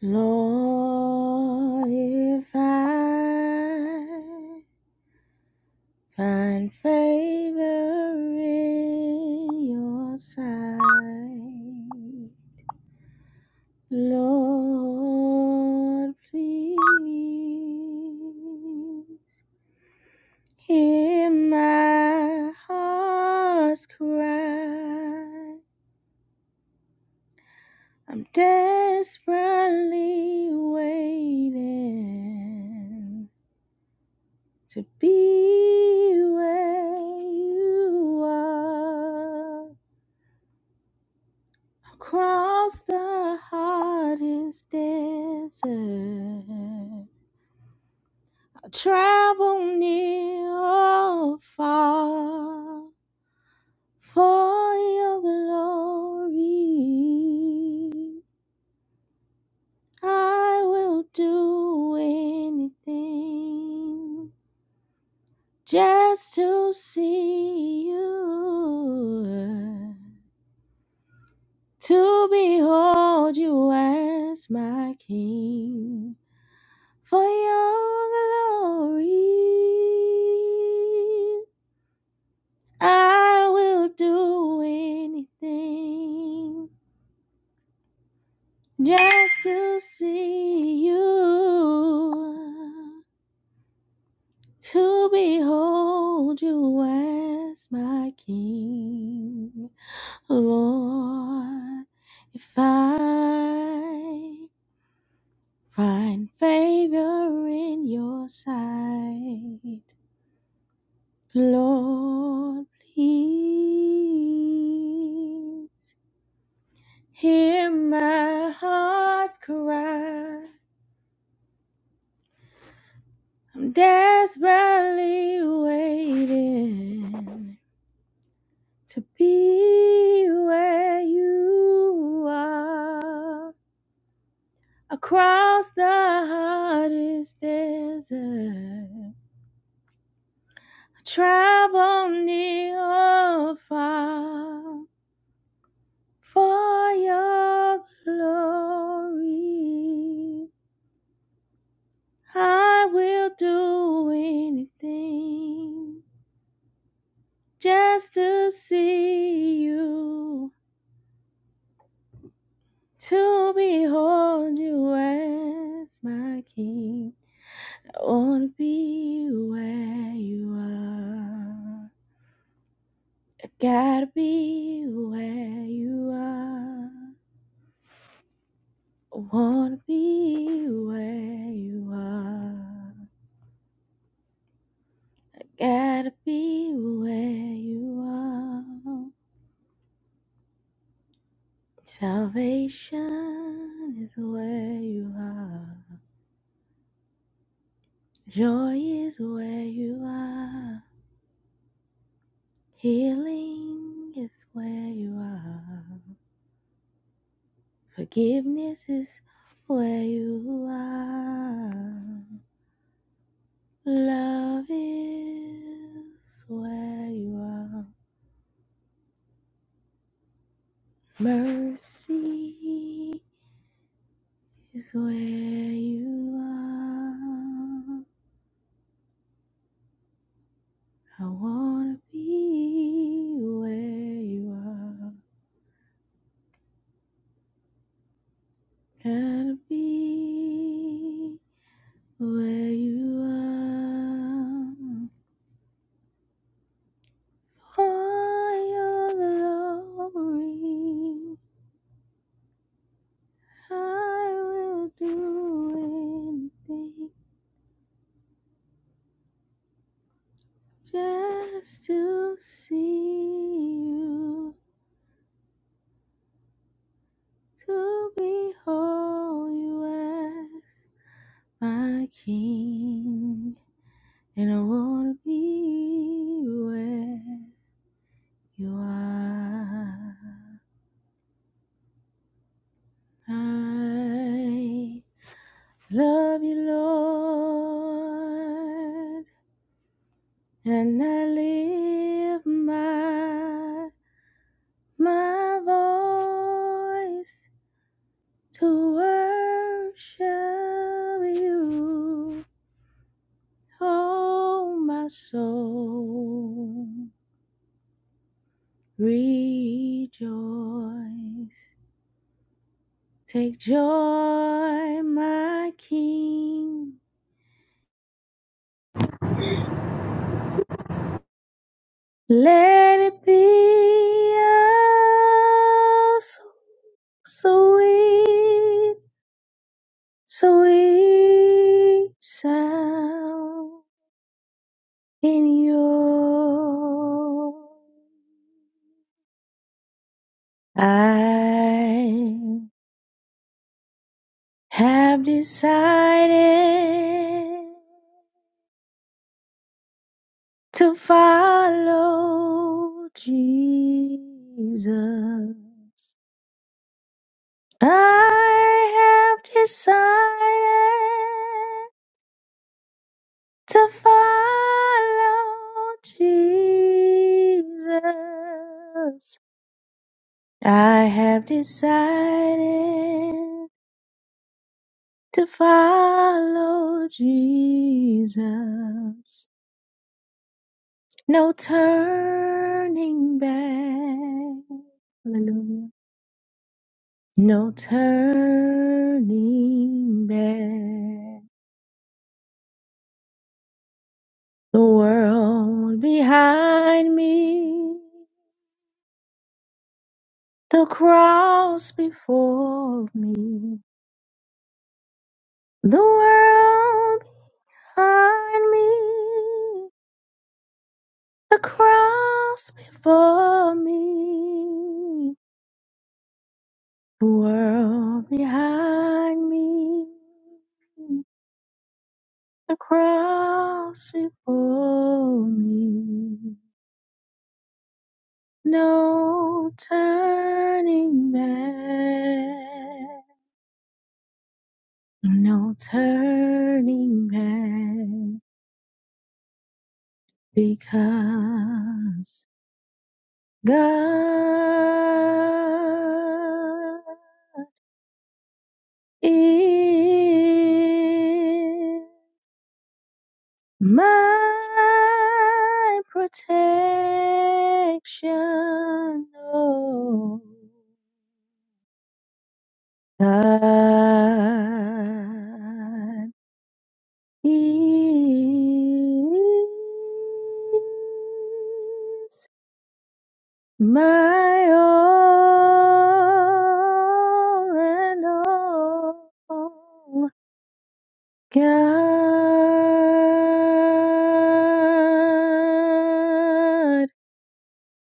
Lord, if I find favor in your sight, Lord, please hear my heart's cry. I'm desperately waiting to be where you are across the hottest desert. I travel near or far for your glory. I will do anything just to see you to behold you as my king for your glory. I will do anything just to see you, to behold you as my king, Lord. If I Find favor in your sight. Lord, please hear my heart's cry. I'm desperately waiting to be where you are across the hardest desert. Travel near or far for your glory. I will do anything just to see you, to behold you as my king. I want to be where you are. I gotta be where you are. I Wanna be where you are. Gotta be where you are. Salvation is where you are. Joy is where you are. Healing is where you are. Forgiveness is where you are. Love is where you are. Mercy is where you are. I wanna be where you are. Gotta be where you are. For your glory, I will do anything just to see you, to behold you my King, and I wanna be where you are. I love you, Lord, and I lift my my voice to worship you, oh my soul. Rejoice. Take joy, my King. Let it be a so sweet, sweet sound in your I have decided. to follow Jesus. I have decided to follow Jesus. I have decided to follow Jesus. No turning back. Hallelujah. No turning back. The world behind me, the cross before me. The world behind me, the cross before me. The world behind me, the cross before me. No turning back, no turning back, because God is my protection. Oh, God He is my all and all God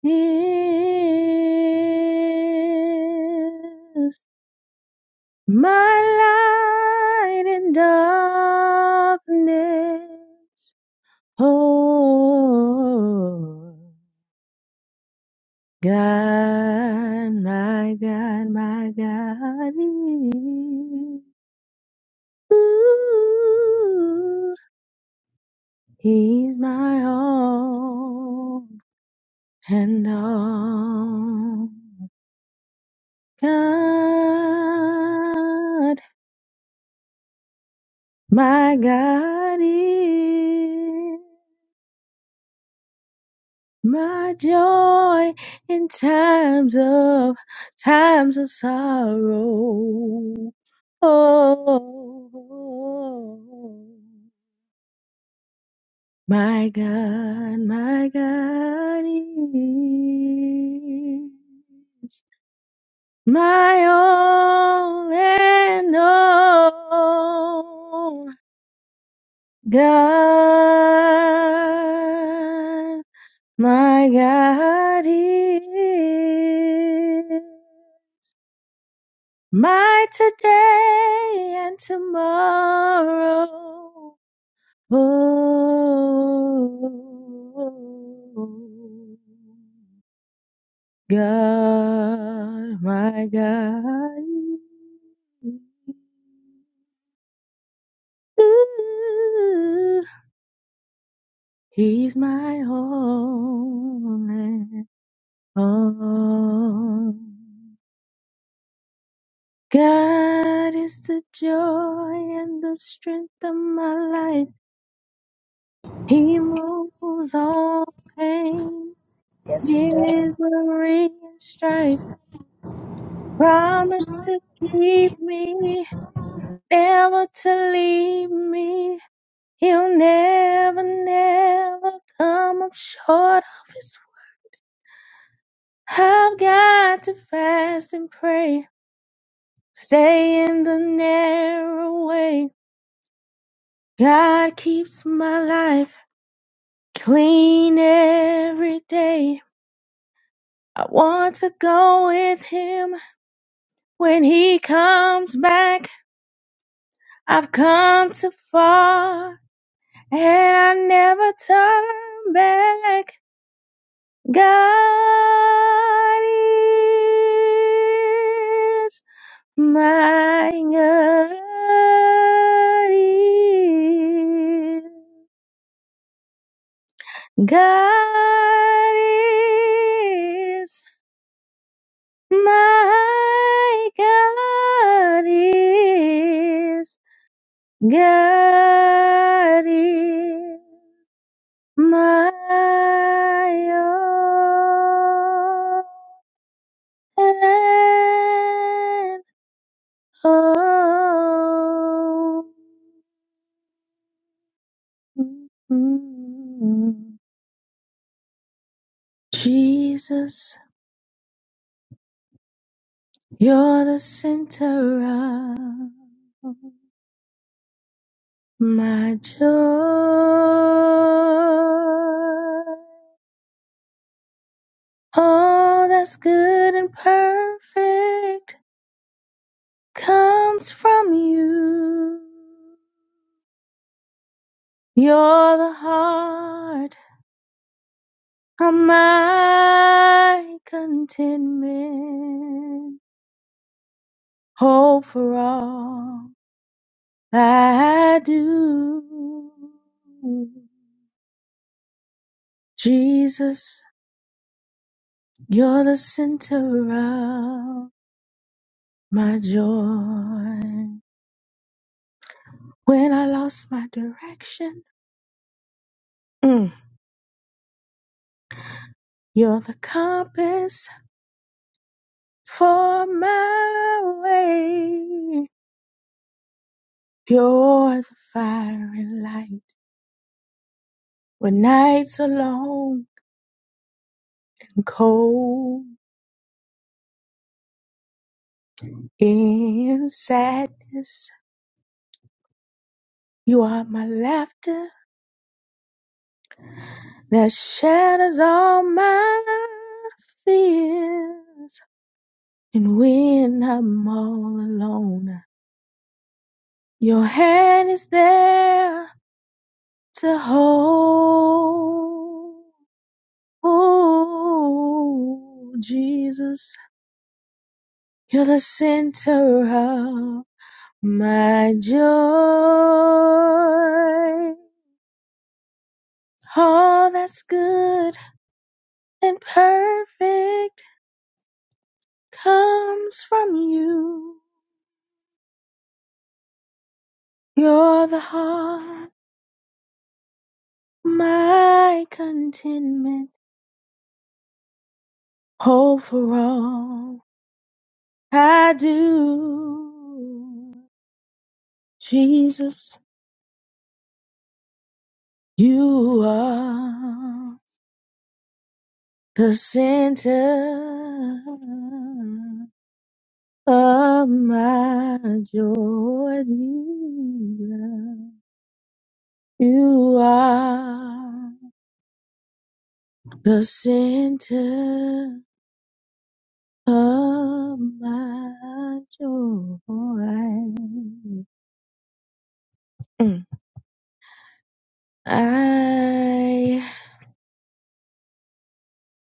is my light in darkness Oh, God, my God, my God, is- ooh, He's my all and all. God, my God is. My joy in times of times of sorrow. Oh, my God, my God is my all and all God. My God is my today and tomorrow. Oh, God, my God. is. Ooh, he's my all in all. God is the joy and the strength of my life. He moves all pain, Yes, he does. misery, and strife. Promise to keep me, never to leave me. He'll never, never come up short of his. word. I've got to fast and pray, stay in the narrow way. God keeps my life. Clean every day. I want to go with him when he comes back. I've come too far and I never turn back. God is my God. is God is My God is, God is my all and all. Mm. Jesus, you're the center of My joy, all that's good and perfect comes from you. You're the heart of my contentment, hope for all I do. Jesus, you're the center my joy. When I lost my direction, mm, you're the compass for my way. You're the fire and light when nights are long and cold. In sadness, you are my laughter that shatters all my fears. And when I'm all alone, your hand is there to hold. Jesus, you're the center of my joy. All that's good and perfect comes from you. You're the heart, my contentment, hope for all I do. Jesus, You are the center of my joy, Jesus. You are the center of my joy. Mm. I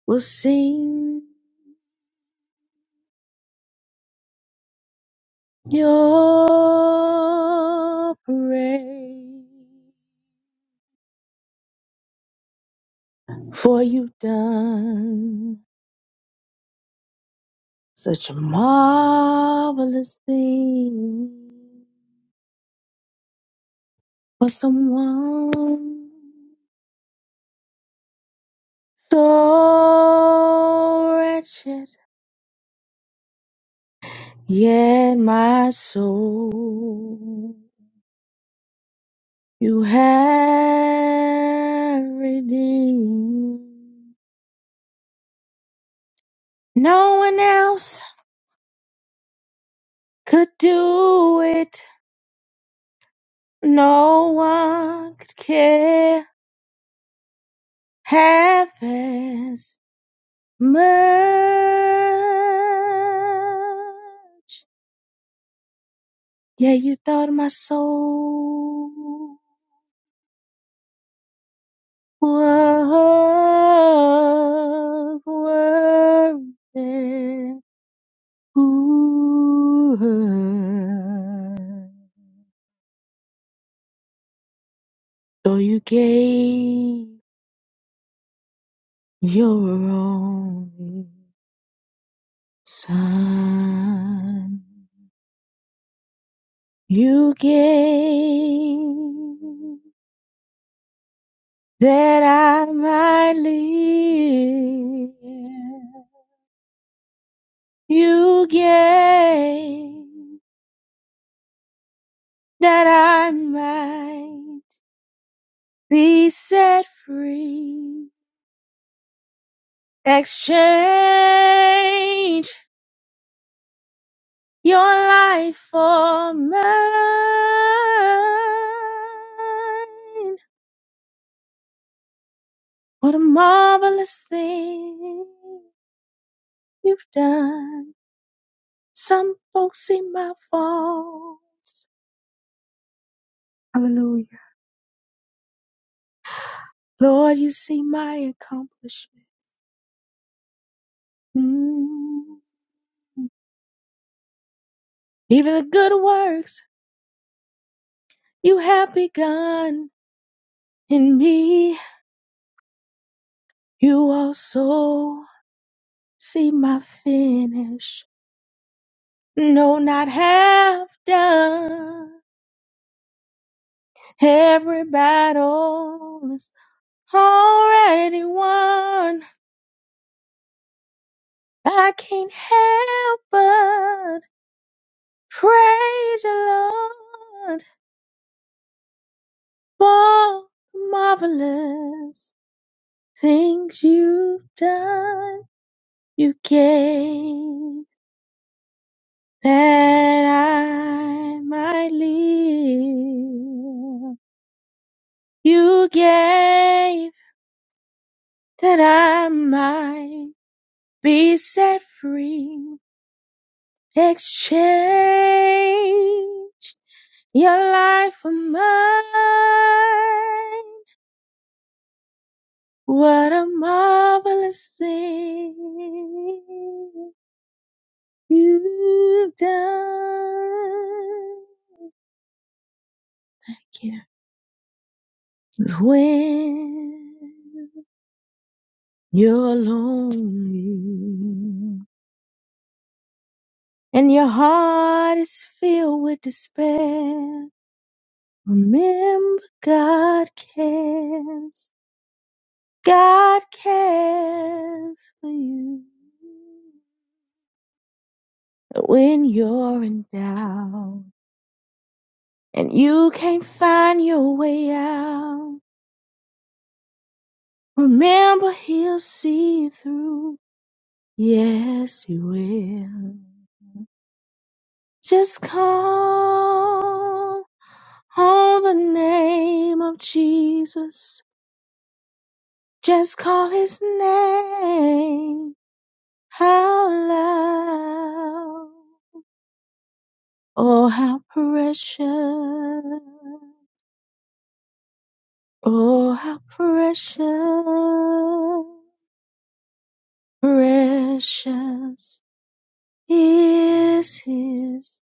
will sing your praise. For you've done such a marvelous thing for someone so wretched. Yet my soul you have redeemed. No one else could do it. No one could care half much. Yeah, you thought my soul was worth it. Ooh, though you gave your only son, you gave. that I might live. You gave that I might be set free. Exchange your life for mine. What a marvelous thing you've done. Some folks see my faults. Hallelujah. Lord, you see my accomplishment. Mm. Even the good works you have begun in me, you also see my finish. No, not half done. Every battle is already won. I can't help but praise you, Lord, for the marvelous. things you've done, you gave that I might live. You gave that I might be set free. Exchange your life for mine. What a marvelous thing. You've done is when you're lonely and your heart is filled with despair. Remember, God cares. God cares for you when you're in doubt and you can't find your way out. Remember, He'll see you through. Yes, He will. Just call on the name of Jesus. Just call His name out loud. Oh, how precious. Oh, how precious. Precious is His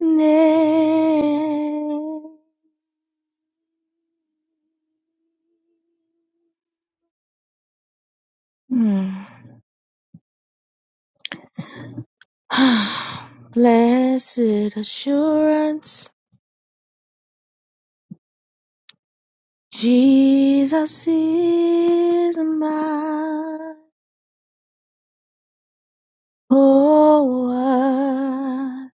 name. Blessed assurance, Jesus is mine. Oh, what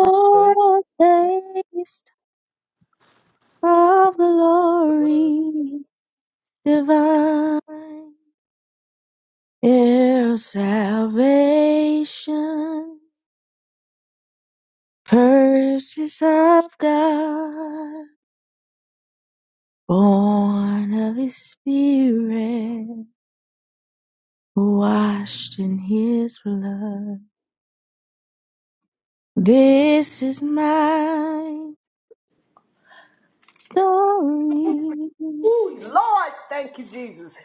Hallelujah. a foretaste of glory divine, heir of salvation, purchase of God, born of His Spirit. washed in his blood. This is my story. Ooh, Lord, thank you, Jesus.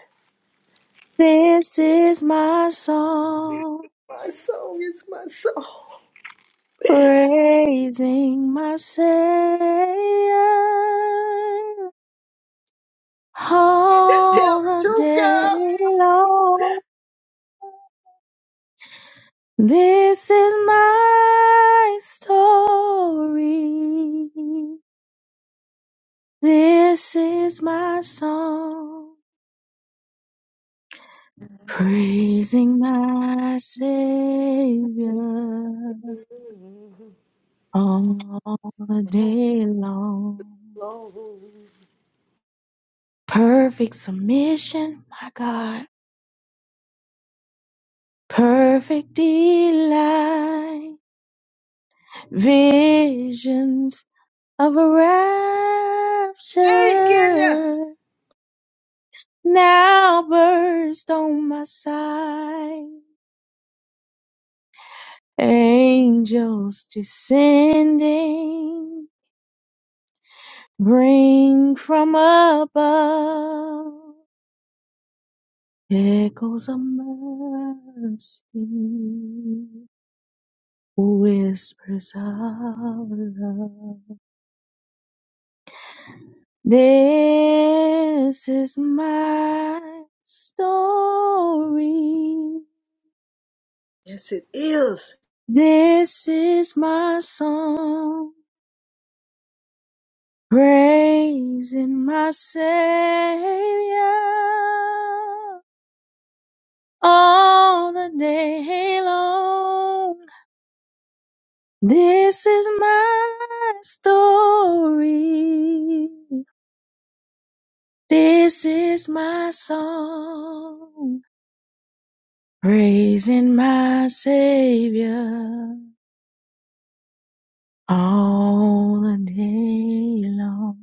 This is my song, My soul is my soul. praising my Savior Tell all the the truth, day girl. long. This is my story. This is my song. praising my Savior all Oh, day long. Lord, Perfect submission, my God, perfect delight, visions of a Ain't Kenya. rapture now burst on my sight. Angels descending Bring from above echoes of mercy, whispers of love. This is my story. Yes, it is. This is my song, praising my Savior all the day long. This is my story. This is my song. Praising my Savior all the day long.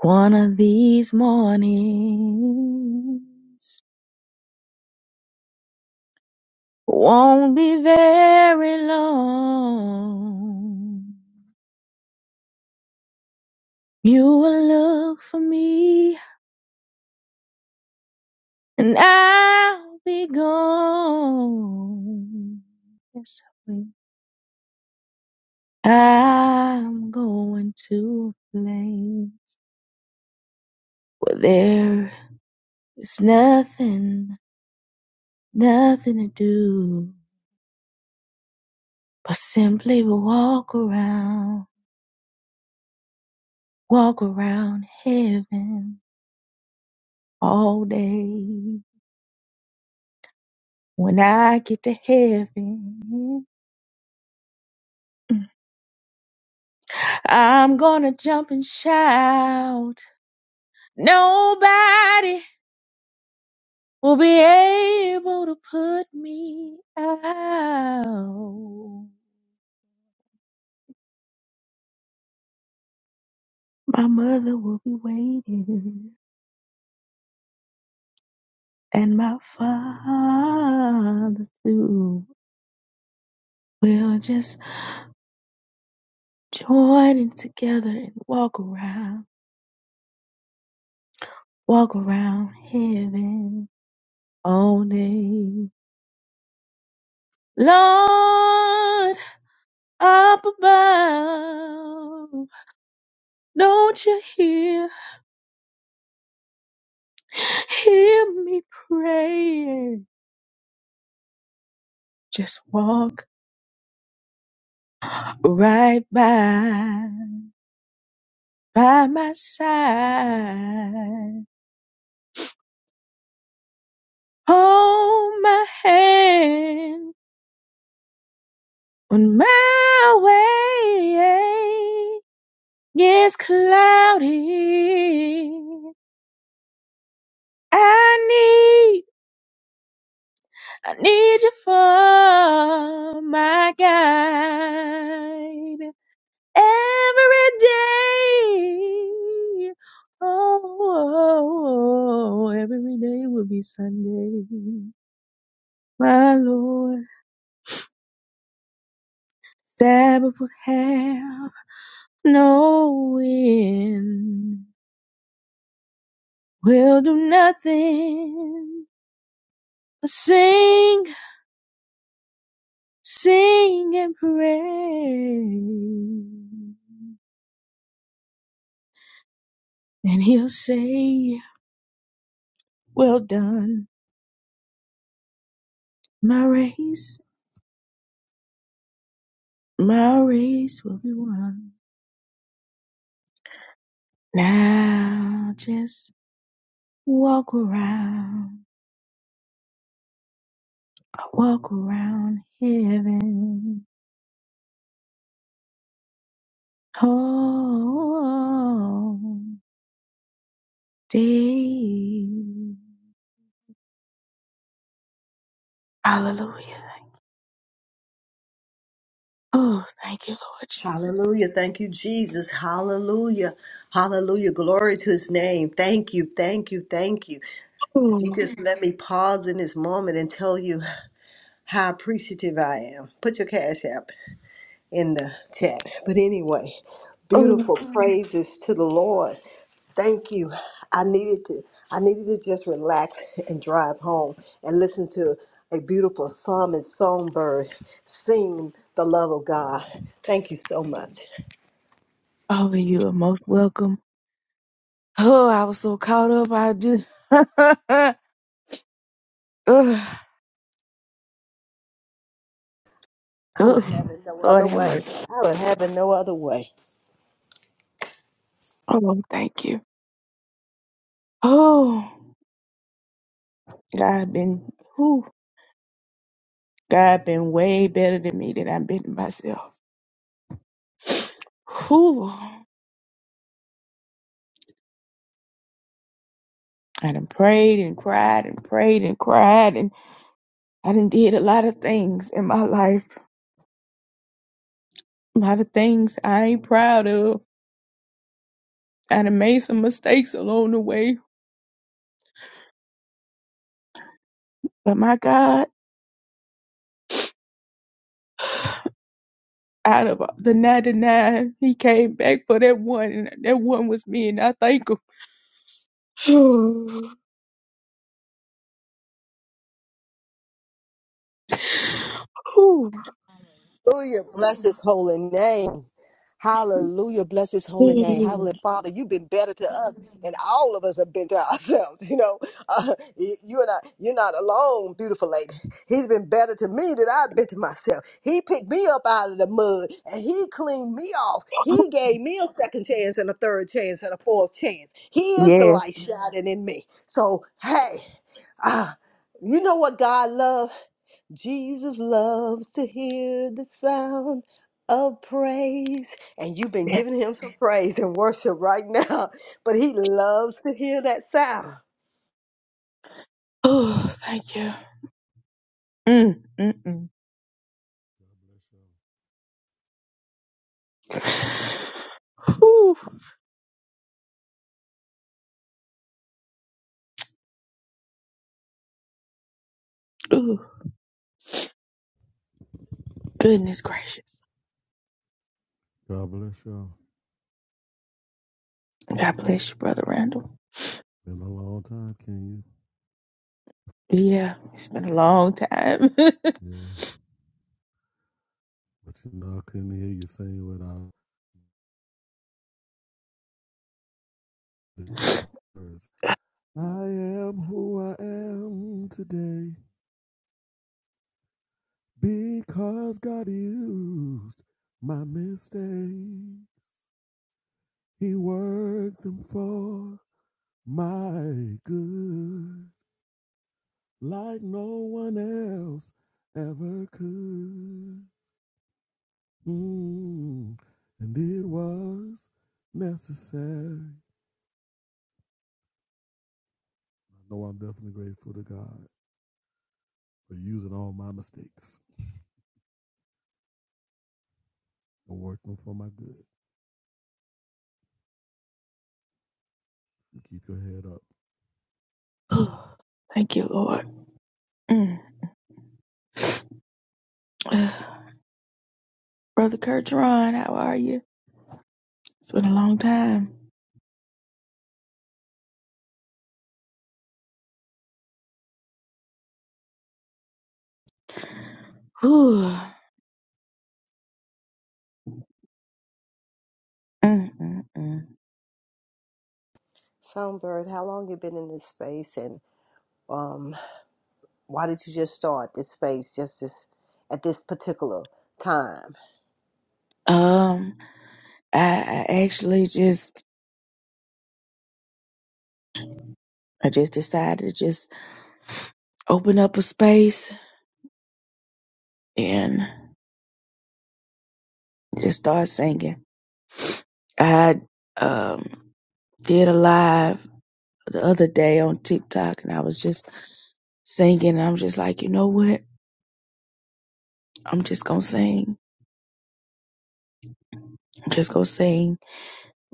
One of these mornings won't be very long. You will look for me and I'll be gone. Yes, I will. I'm going to a place where there is nothing, nothing to do but simply walk around, walk around heaven all day. When I get to heaven, I'm gonna jump and shout. Nobody will be able to put me out. My mother will be waiting, and my father too. We'll just join in together and walk around, walk around heaven all day. Lord, up above, don't you hear, hear me praying? Just walk. right by by my side. Hold my hand on my way. Yes, cloudy. I need, I need you for my guide every day. Oh, oh, oh, oh, oh, every day will be Sunday. My Lord, Sabbath will have no end. We'll do nothing but sing, sing and pray. And he'll say, well done. My race, my race will be won. Now just walk around, walk around heaven. Oh, day. Hallelujah. Oh, thank you, Lord Jesus. Hallelujah. Thank you, Jesus. Hallelujah. Hallelujah. Glory to his name. Thank you. Thank you. Thank you. If you Oh, just let me pause in this moment and tell you how appreciative I am, put your cash app. in the chat. But anyway, oh, beautiful Mhm. praises to the Lord. Thank you. I needed to I needed to just relax and drive home and listen to a beautiful psalm and songbird sing the love of God. Thank you so much. oh, you are most welcome. Oh, I was so caught up. I do. oh, I would have oh, it no Lord other have way. mercy. I would have it no other way. Oh, thank you. Oh, God been, whew, God been way better than me than I've been to myself. Whew. I done prayed and cried and prayed and cried and I done did a lot of things in my life. A lot of things I ain't proud of. I'd made some mistakes along the way, but my God, out of the 99, he came back for that one, and that one was me, and I thank him. Whew. Hallelujah. Bless his holy name. Hallelujah. Bless his holy name. Hallelujah. Father, you've been better to us and all of us have been to ourselves. You know, uh, you you and I, you're not alone, beautiful lady. He's been better to me than I've been to myself. He picked me up out of the mud and he cleaned me off. He gave me a second chance and a third chance and a fourth chance. He is the yeah. light shining in me. So, hey, ah, you know what God loves? Jesus loves to hear the sound of praise. And you've been yeah. giving him some praise and worship right now, but he loves to hear that sound. Oh, thank you. Mm, mm, God bless mm. Whew. Ooh, goodness gracious. y'all. God bless y'all. God bless you, Brother Randall. Been a long time, can you? Yeah, it's been a long time. Yeah. But you know, I couldn't hear you sing without the words. I am who I am today because God used my mistakes. He worked them for my good, like no one else ever could. Mm. And it was necessary. I know I'm definitely grateful to God for using all my mistakes and working for my good. You keep your head up. thank you, Lord. Mm. Brother Kurtron, how are you? It's been a long time. Whew. Mm, mm, mm. Songbird, how long you been in this space and um why did you just start this space just this at this particular time? Um, I, I actually just, I just decided to just open up a space and just start singing. I um did a live the other day on TikTok and I was just singing. I'm just like, you know what? I'm just gonna sing. I'm just gonna sing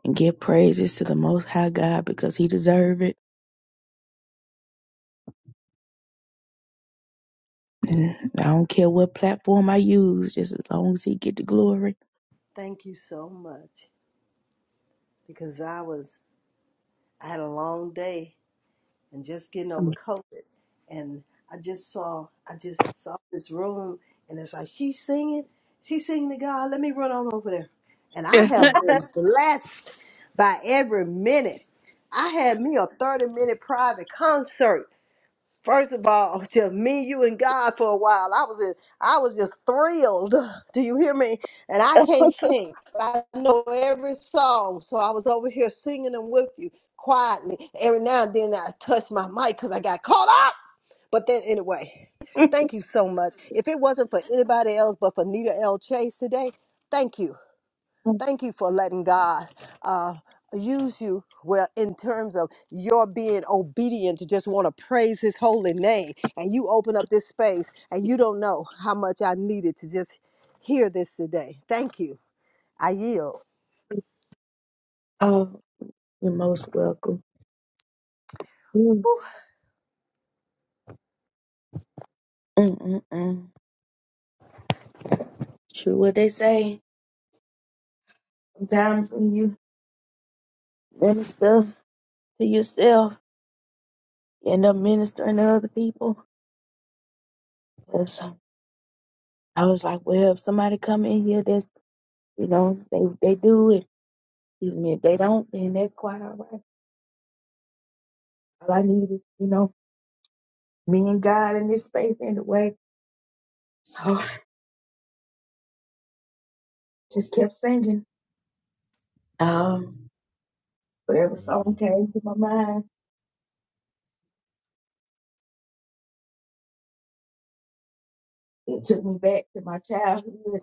and give praises to the Most High God because He deserve it. I don't care what platform I use, just as long as he get the glory. Thank you so much because I was I had a long day and just getting over COVID. And I just saw, I just saw this room, and it's like she's singing, she's singing to God. Let me run on over there. And I have been blessed by every minute. I had me a 30 minute private concert First of all, to me, you, and God for a while, I was in, I was just thrilled. Do you hear me? And I can't sing, but I know every song, so I was over here singing them with you quietly. Every now and then, I touched my mic because I got caught up. But then, anyway, thank you so much. If it wasn't for anybody else but for Nita L. Chase today, thank you. Thank you for letting God uh, use you well in terms of your being obedient to just want to praise his holy name. And you open up this space and you don't know how much I needed to just hear this today. Thank you. I yield. Oh, you're most welcome. Mm, Whew. mm, mm, mm. True what they say. Sometimes when you minister to yourself, you end up ministering to other people. Yes. I was like, well, if somebody come in here, that's you know, they they do it. Excuse me, if they don't, then that's quite all right. All I need is, you know, me and God in this space anyway. So just kept singing. Um, whatever I'm glad you song opened came it to my mind, it took me back to my childhood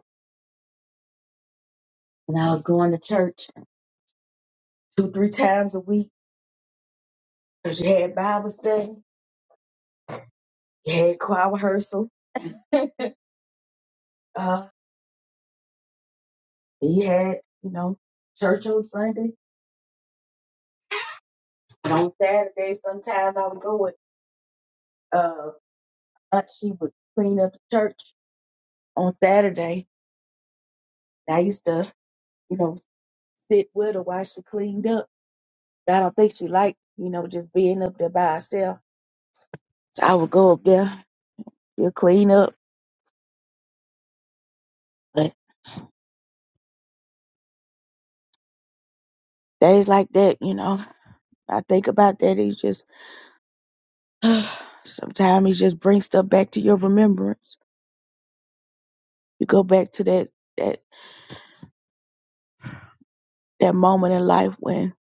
when I was going to church two, three times a week. Cause you had Bible study, you had choir rehearsal, uh, you had, you know, church on Sunday. And on Saturday, sometimes I would go with, uh, aunt, she would clean up the church on Saturday. And I used to, you know, sit with her while she cleaned up. I don't think she liked, you know, just being up there by herself. So I would go up there, she'll clean up. But days like that, you know, I think about that. It just sometimes it just brings stuff back to your remembrance. You go back to that that that moment in life when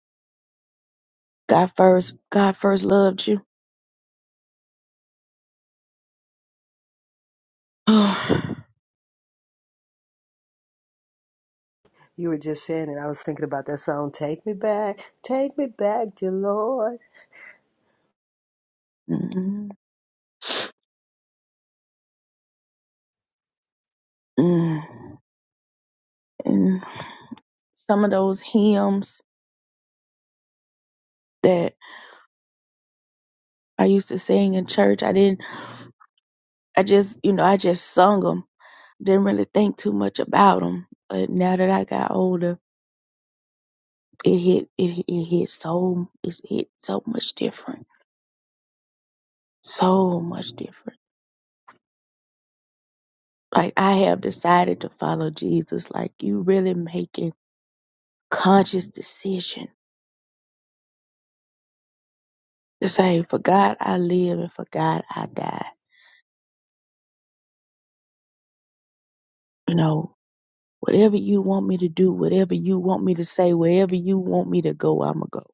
God first God first loved you. You were just saying it. I was thinking about that song, Take Me Back, Take Me Back, Dear Lord. Mhm. Mm. and some of those hymns that I used to sing in church, I didn't. I just, you know, I just sung them. Didn't really think too much about them. But now that I got older, it hit, it, it hit so, it hit so much different, so much different. Like I have decided to follow Jesus. Like you really making conscious decision to say, for God I live and for God I die. You know, whatever you want me to do, whatever you want me to say, wherever you want me to go, I'ma go.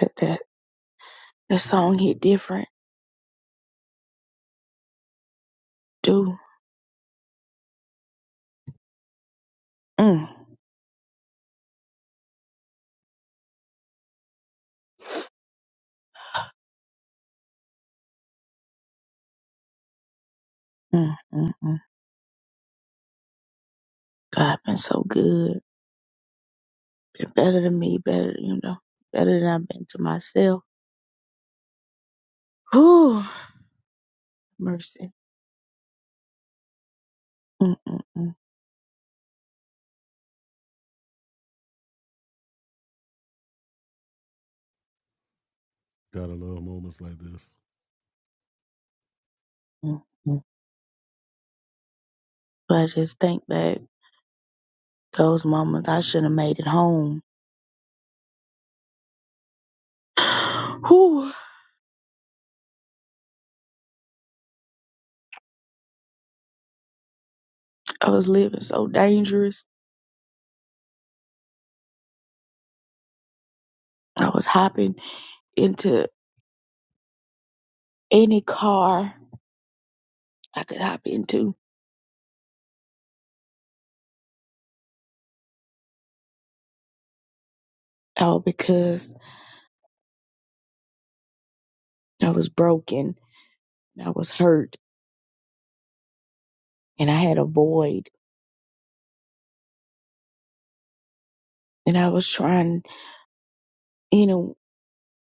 That that that song hit different, too. Mm. Mm, mm, mm. God been so good. Been better than me, better, you know, better than I've been to myself. Whew, mercy. Mm, mm, mm, up. Gotta love moments like this. mm, mm. But I just think back those moments I should have made it home. Whew, I was living so dangerous. I was hopping into any car I could hop into. All because I was broken. I was hurt and I had a void. And I was trying, you know.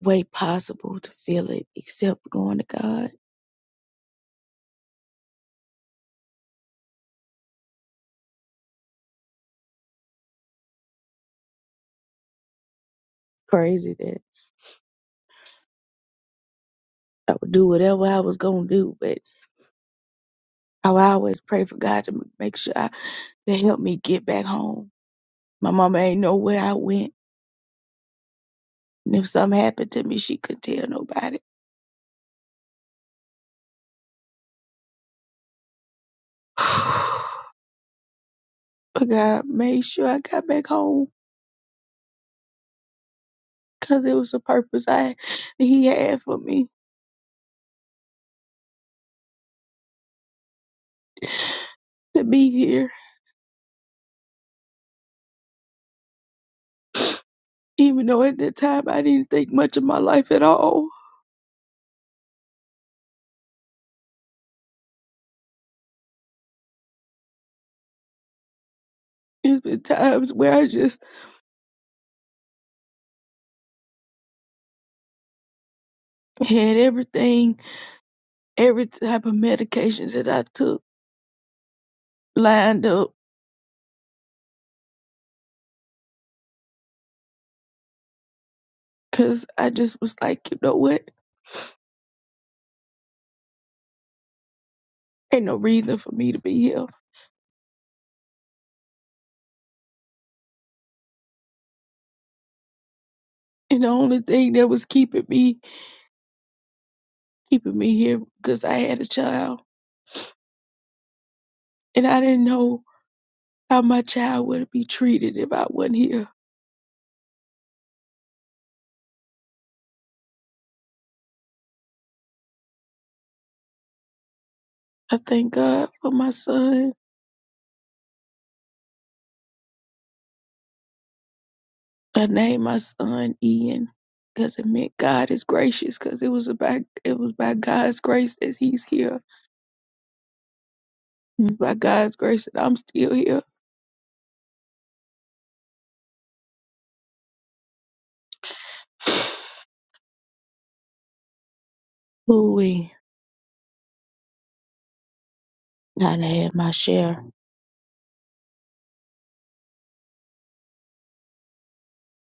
way possible to feel it except going to God. Crazy that I would do whatever I was gonna do, but I would always pray for God to m- make sure I, to help me get back home. My mama ain't know where I went, and if something happened to me, she couldn't tell nobody. but God made sure I got back home because it was a purpose I He had for me to be here. Even though at that time I didn't think much of my life at all. There's been times where I just had everything every type of medication that I took lined up because I just was like, you know what? Ain't no reason for me to be here. And the only thing that was keeping me, keeping me here because I had a child and I didn't know how my child would be treated if I wasn't here. I thank God for my son. I named my son Ian because it meant God is gracious because it was about, it was by God's grace that he's here. It's by God's grace that I'm still here. Ooh. I've had my share.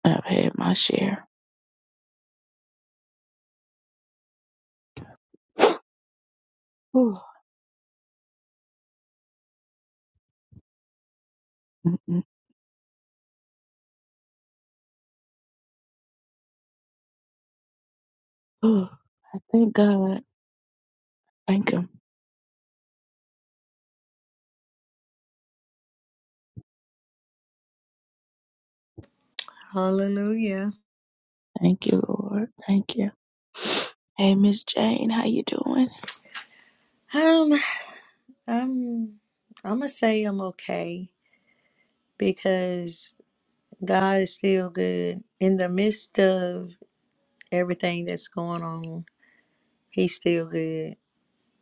I've had my share. Whew. Mm-mm. Whew. I thank God. Thank Him. Hallelujah. Thank you, Lord. Thank you. Hey, Miss Jane, how you doing? Um, I'm I'm gonna say I'm okay because God is still good in the midst of everything that's going on. He's still good,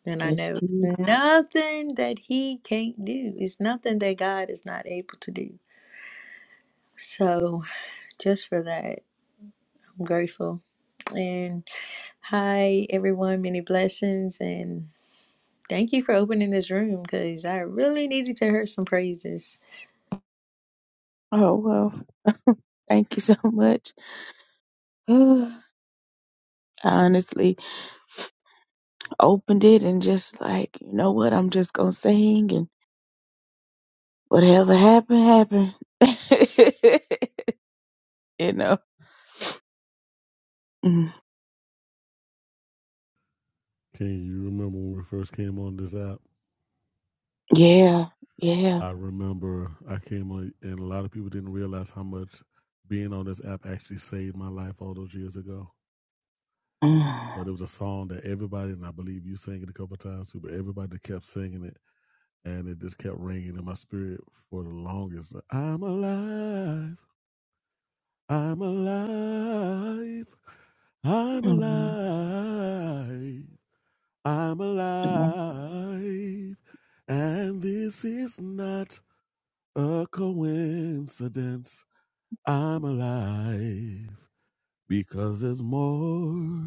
and I Yes, know you. it's nothing that He can't do. It's nothing that God is not able to do. So, just for that, I'm grateful. And hi, everyone. Many blessings and. Thank you for opening this room because I really needed to hear some praises. Oh well, thank you so much. I honestly opened it and just like, you know what? I'm just gonna sing and whatever happened, happened. you know? Mm. Can you remember when we first came on this app? Yeah, yeah. I remember I came on, and a lot of people didn't realize how much being on this app actually saved my life all those years ago. Mm. But it was a song that everybody, and I believe you sang it a couple of times too, but everybody kept singing it, and it just kept ringing in my spirit for the longest. I'm alive. I'm alive. I'm alive. I'm alive. And this is not a coincidence. I'm alive because there's more.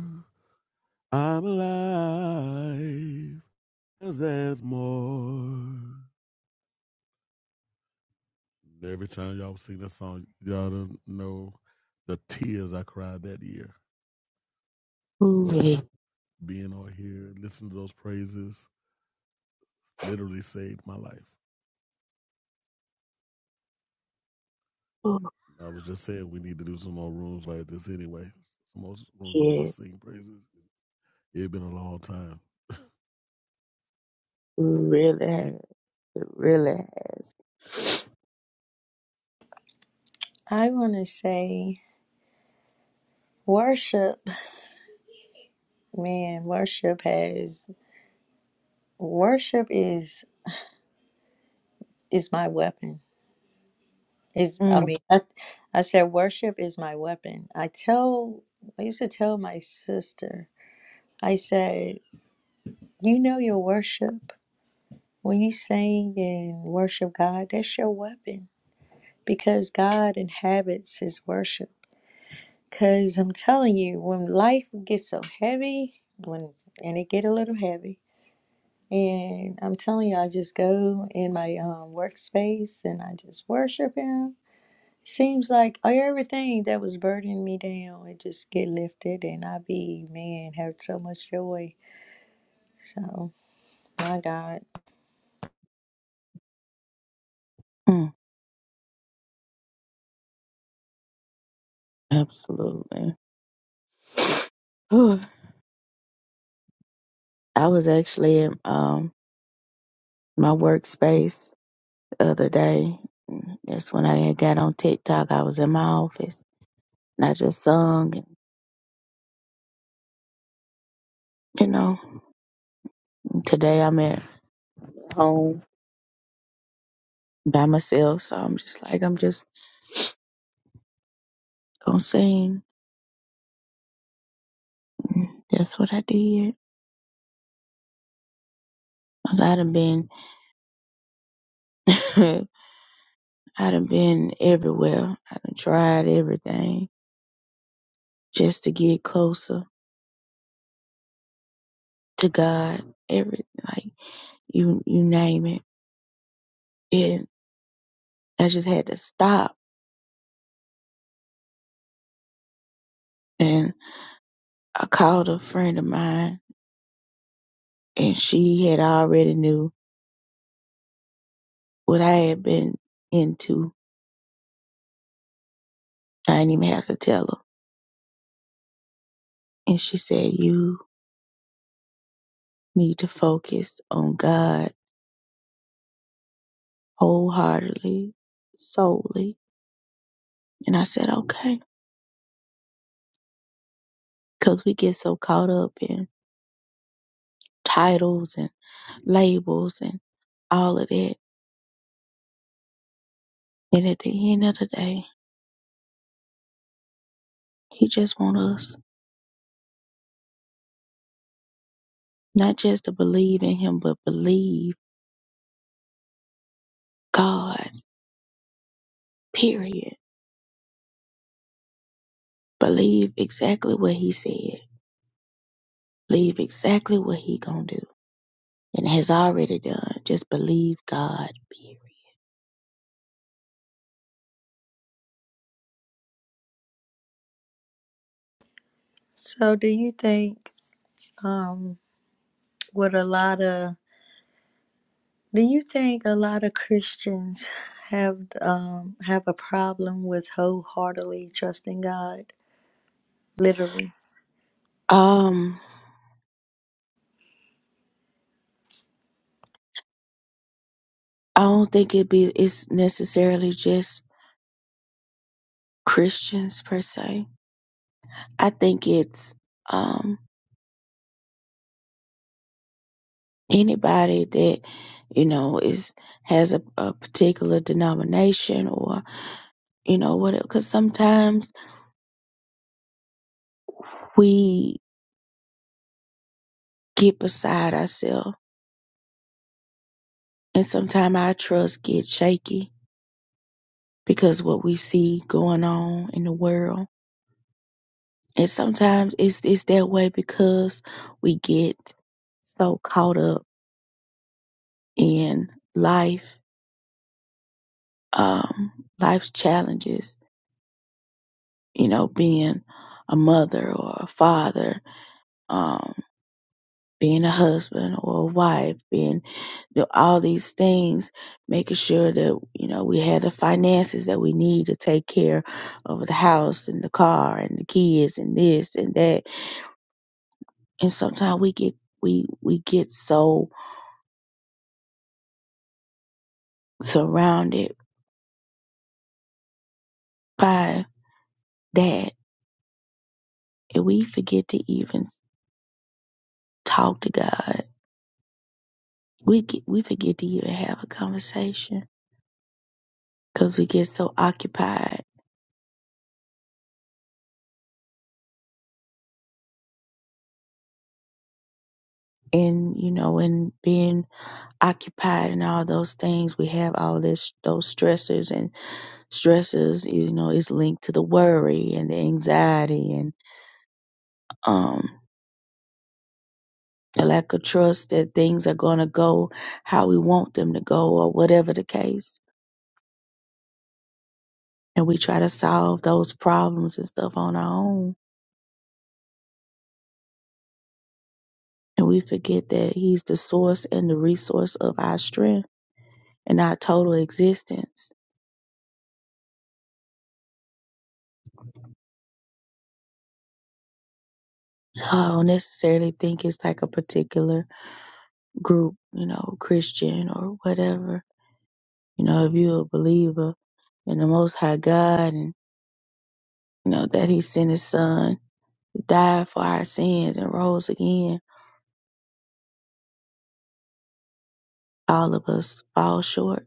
I'm alive because there's more. Every time y'all sing that song, y'all don't know the tears I cried that year. but. Mm. being on here, listening to those praises, literally saved my life. Oh, I was just saying we need to do some more rooms like this anyway. Some more rooms where we yeah, just sing praises. It's been a long time. really has. It really has. I want to say worship, man, worship has worship is is my weapon. Is I Mm, mean, I, I said worship is my weapon. I tell I used to tell my sister. I said, "You know your worship. When you sing and worship God, that's your weapon because God inhabits his worship." Cuz I'm telling you, when life gets so heavy, when and it get a little heavy, And I'm telling you, I just go in my um, workspace and I just worship Him. Seems like everything that was burdening me down, it just get lifted, and I be man have so much joy. So my God. mm, absolutely. Whew. I was actually in um, my workspace the other day. That's when I had got on TikTok. I was in my office and I just sung. And, you know, today I'm at home by myself, so I'm just like, I'm just gonna sing. That's what I did. 'Cause I done been I done been everywhere. I done tried everything just to get closer to God. Every like you you name it. And I just had to stop. And I called a friend of mine and she had already knew what I had been into. I didn't even have to tell her. And she said, You need to focus on God wholeheartedly, solely. And I said, Okay. Because we get so caught up in titles and labels and all of that. And at the end of the day, he just want us not just to believe in him, but believe God, period. Believe exactly what he said. Believe exactly what he gonna do and has already done. Just believe God, period. So do you think um with a lot of do you think a lot of Christians have um have a problem with wholeheartedly trusting God? Literally. Um, I don't think it be it's necessarily just Christians per se. I think it's um anybody that you know is has a, a particular denomination or you know what because sometimes we get beside ourselves and sometimes our trust gets shaky because what we see going on in the world and sometimes it's it's that way because we get so caught up in life um life's challenges you know being a mother or a father um, being a husband or a wife, being you all these things, making sure that you know we have the finances that we need to take care of the house and the car and the kids and this and that. And sometimes we get we we get so surrounded by that, and we forget to even talk to God. We get, we forget to even have a conversation because we get so occupied in you know in being occupied and all those things we have all this those stressors and stresses you know is linked to the worry and the anxiety and um the lack of trust that things are going to go how we want them to go or whatever the case and we try to solve those problems and stuff on our own and we forget that he's the source and the resource of our strength and our total existence so i don't necessarily think it's like a particular group you know christian or whatever You know, if you're a believer in the Most High God and, you know, that He sent His Son, to die for our sins and rose again, all of us fall short.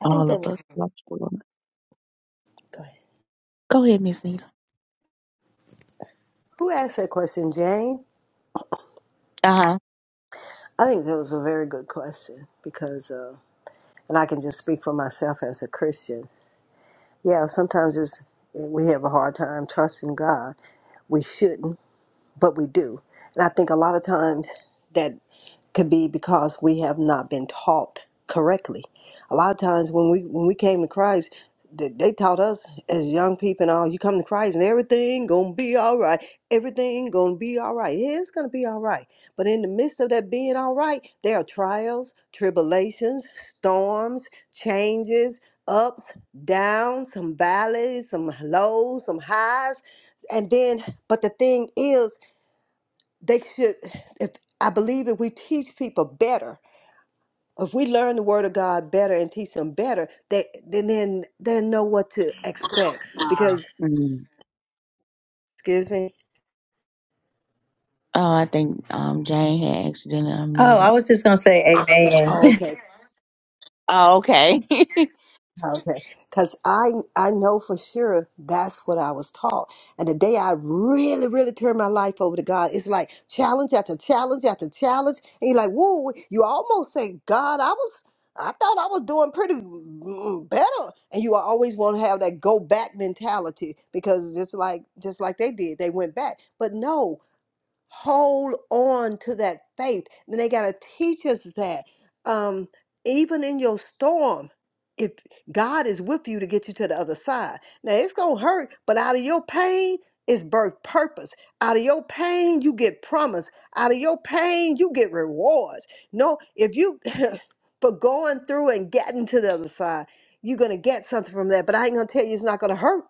I think All that of us was, fall short. go ahead. Go ahead, Miss Nita. Who asked that question, Jane? Uh huh. I think that was a very good question because, uh, and I can just speak for myself as a Christian. Yeah, sometimes it's, we have a hard time trusting God. We shouldn't but we do. And I think a lot of times that could be because we have not been taught correctly. A lot of times when we when we came to Christ, they, they taught us as young people and all, you come to Christ and everything gonna be all right. Everything gonna be all right. Yeah, it's gonna be all right. But in the midst of that being all right, there are trials, tribulations, storms, changes, ups, downs, some valleys, some lows, some highs. And then, but the thing is, they should if i believe if we teach people better if we learn the word of god better and teach them better they then then they know what to expect because Mm. excuse me Oh, I think um Jane had accidentally Oh, I unmuted. was just gonna say amen. oh okay Oh, okay. Okay, because I I know for sure that's what I was taught. And the day I really, really turned my life over to God, it's like challenge after challenge after challenge. And you're like, whoa, you almost say, God, I was I thought I was doing pretty mm, better. And you always want to have that go back mentality because just like just like they did, they went back. But no hold on to that faith. And they got to teach us that. Um, even in your storm, if God is with you to get you to the other side. Now it's going to hurt, but out of your pain is birth purpose. Out of your pain, you get promise. Out of your pain, you get rewards. No, if you, for going through and getting to the other side, you're going to get something from that. But I ain't going to tell you it's not going to hurt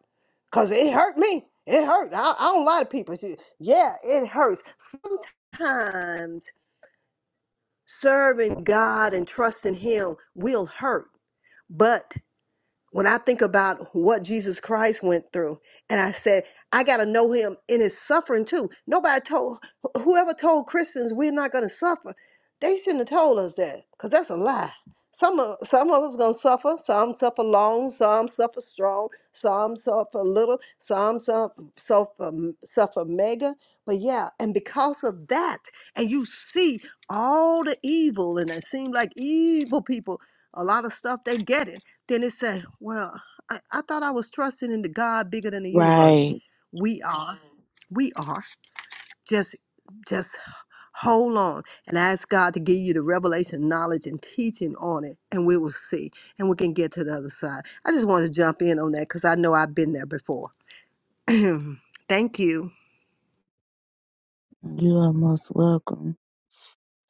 because it hurt me. It hurt. I, I don't lie to people. She- Yeah, it hurts sometimes serving God and trusting Him will hurt, but when I think about what Jesus Christ went through, and I said, I got to know him in his suffering too. Nobody told, wh- whoever told Christians we're not going to suffer, they shouldn't have told us that because that's a lie. Some of, some of us going to suffer, some suffer long, some suffer strong, some suffer little, some suffer, suffer, suffer mega. But yeah, and because of that, and you see all the evil, and it seems like evil people, a lot of stuff, they get it then it say, well, I, I thought I was trusting in the God bigger than the universe. right. We are, we are just just hold on and ask God to give you the revelation, knowledge, and teaching on it, and we will see, and we can get to the other side. I just want to jump in on that because I know I've been there before. Thank you. You are most welcome.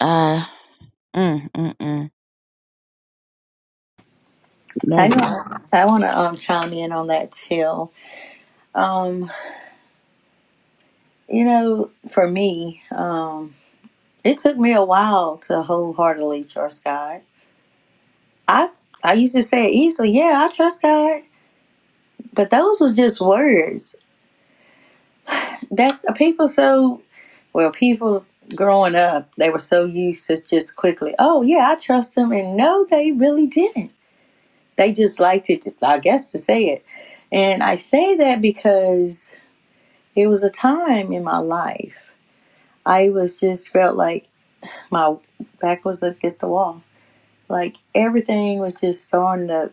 Uh, mm, mm, mm. I Man. want I want to um, chime in on that chill. Um, you know, for me, um, it took me a while to wholeheartedly trust God. I I used to say it easily, yeah, I trust God, but those were just words. That's people so well. People growing up, they were so used to just quickly, oh yeah, I trust them, and no, they really didn't. They just liked it, I guess, to say it. And I say that because it was a time in my life I was just felt like my back was against the wall. Like everything was just starting to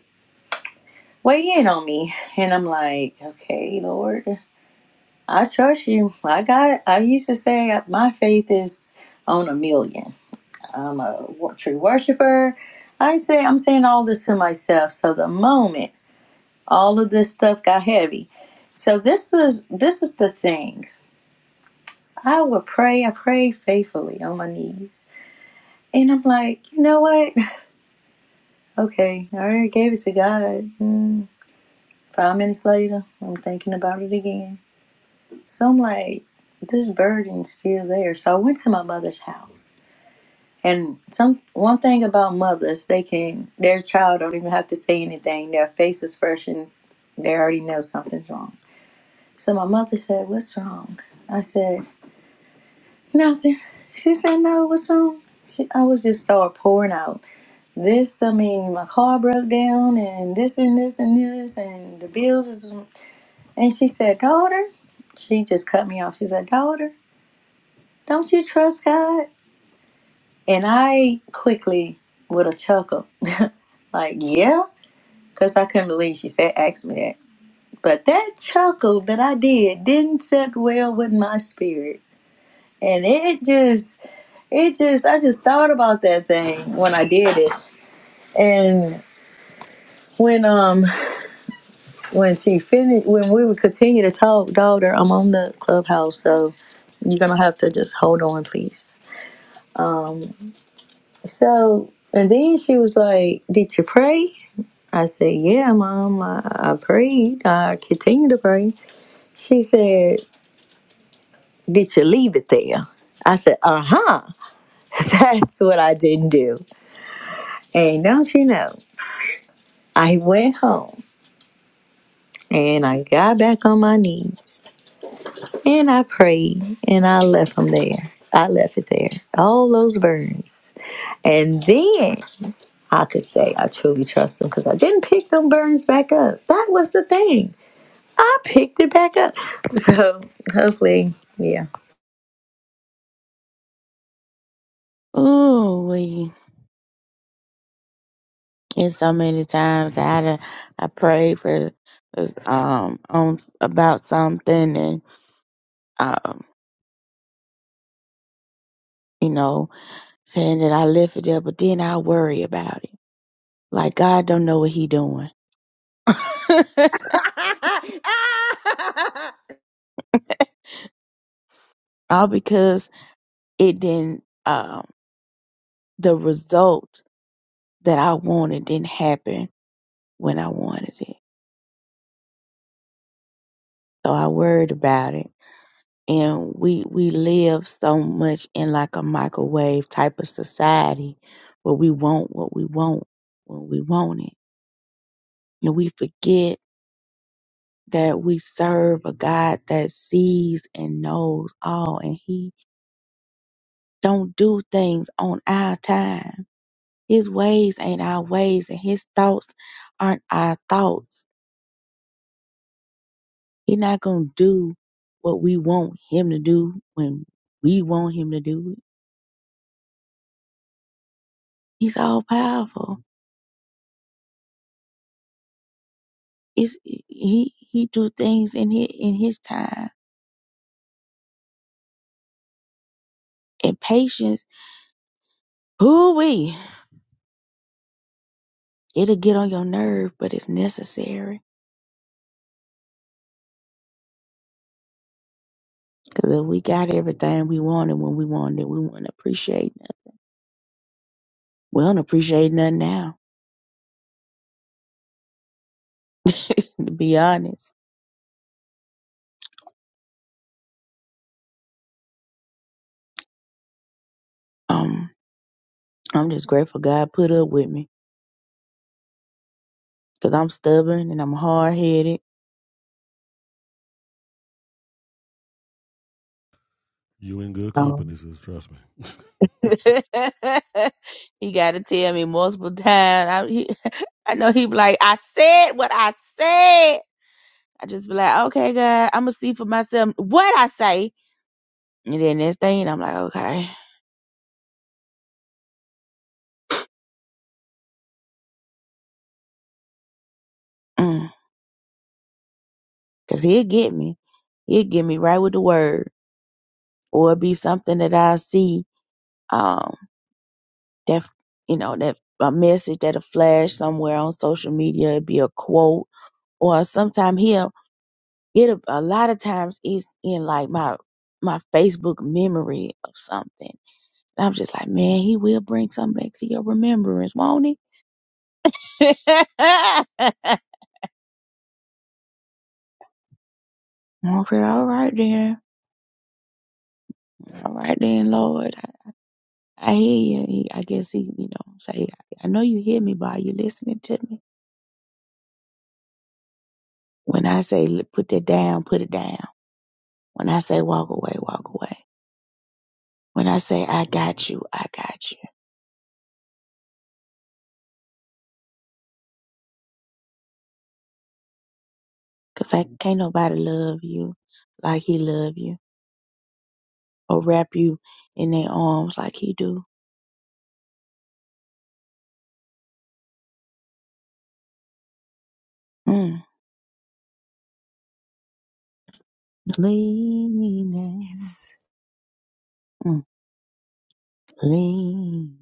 weigh in on me. And I'm like, okay, Lord, I trust you. I got, I used to say my faith is on a million. I'm a wo- true worshiper. I say, I'm saying all this to myself. So the moment all of this stuff got heavy. So this was, this is the thing. I would pray, I prayed faithfully on my knees. And I'm like, you know what? Okay, I already gave it to God. Mm, five minutes later, I'm thinking about it again. So I'm like, this burden's still there. So I went to my mother's house. And some one thing about mothers, they can their child don't even have to say anything. Their face expression, they already know something's wrong. So my mother said, "What's wrong?" I said, "Nothing." She said, "No, what's wrong?" She, I was just start pouring out. This, I mean, my car broke down, and this, and this, and this, and the bills. Is... And she said, Daughter, she just cut me off. She said, Daughter, don't you trust God? And I quickly, with a chuckle, like, Yeah, because I couldn't believe she said, Ask me that. But that chuckle that I did didn't sit well with my spirit. And it just, it just, I just thought about that thing when I did it. And when, um, when she finished, when we would continue to talk, daughter, I'm on the clubhouse, so you're gonna have to just hold on, please. So, and then she was like, "Did you pray?" I said, "Yeah, mom, I, I prayed. I continue to pray." She said, "Did you leave it there?" I said, "Uh huh." That's what I didn't do. And don't you know, I went home and I got back on my knees And I prayed and I left them there. I left it there. All those burns. And then I could say I truly trust them because I didn't pick them burns back up. That was the thing. I picked it back up. So hopefully, yeah. Ooh, And so many times I had a, I prayed for um on about something and um you know saying that I lift it up, but then I worry about it. Like God don't know what He doing, all because it didn't um the result that I wanted didn't happen when I wanted it. So I worried about it and we we live so much in like a microwave type of society where we want what we want when we want it and we forget that we serve a god that sees and knows all and he don't do things on our time his ways ain't our ways and his thoughts aren't our thoughts He not gonna do what we want him to do when we want him to do it he's all powerful It's, he he do things in his, in his time and patience. Who we? It'll get on your nerve, but it's necessary. Cause if we got everything we wanted when we wanted, it, we wouldn't appreciate nothing. We don't appreciate nothing now. To be honest, um, I'm just grateful God put up with me. Cause I'm stubborn and I'm hard headed. You in good company, Um. sis. Trust me. he got to tell me multiple times. I, he, I know he be like, I said what I said. I just be like, okay, God, I'm gonna see for myself what I say. And then next thing, I'm like, okay, Mm. 'Cause he'll get me. He'll get me right with the word, or it be something that I see, um, that you know, that a message that'll flash somewhere on social media. It'd be a quote, or sometimes he'll get a, a lot of times it's in like my my Facebook memory of something. And I'm just like, man, he will bring something back to your remembrance, won't he? Okay, all right then. All right then, Lord. I, I hear you. He- I guess he, you know, say, I know you hear me, but are you listening to me? When I say "L- put that down, put it down. When I say walk away, walk away. When I say I got you, I got you. Cause I can't nobody love you like he love you or wrap you in their arms like he do. Mm. Leaning, mm. leaning,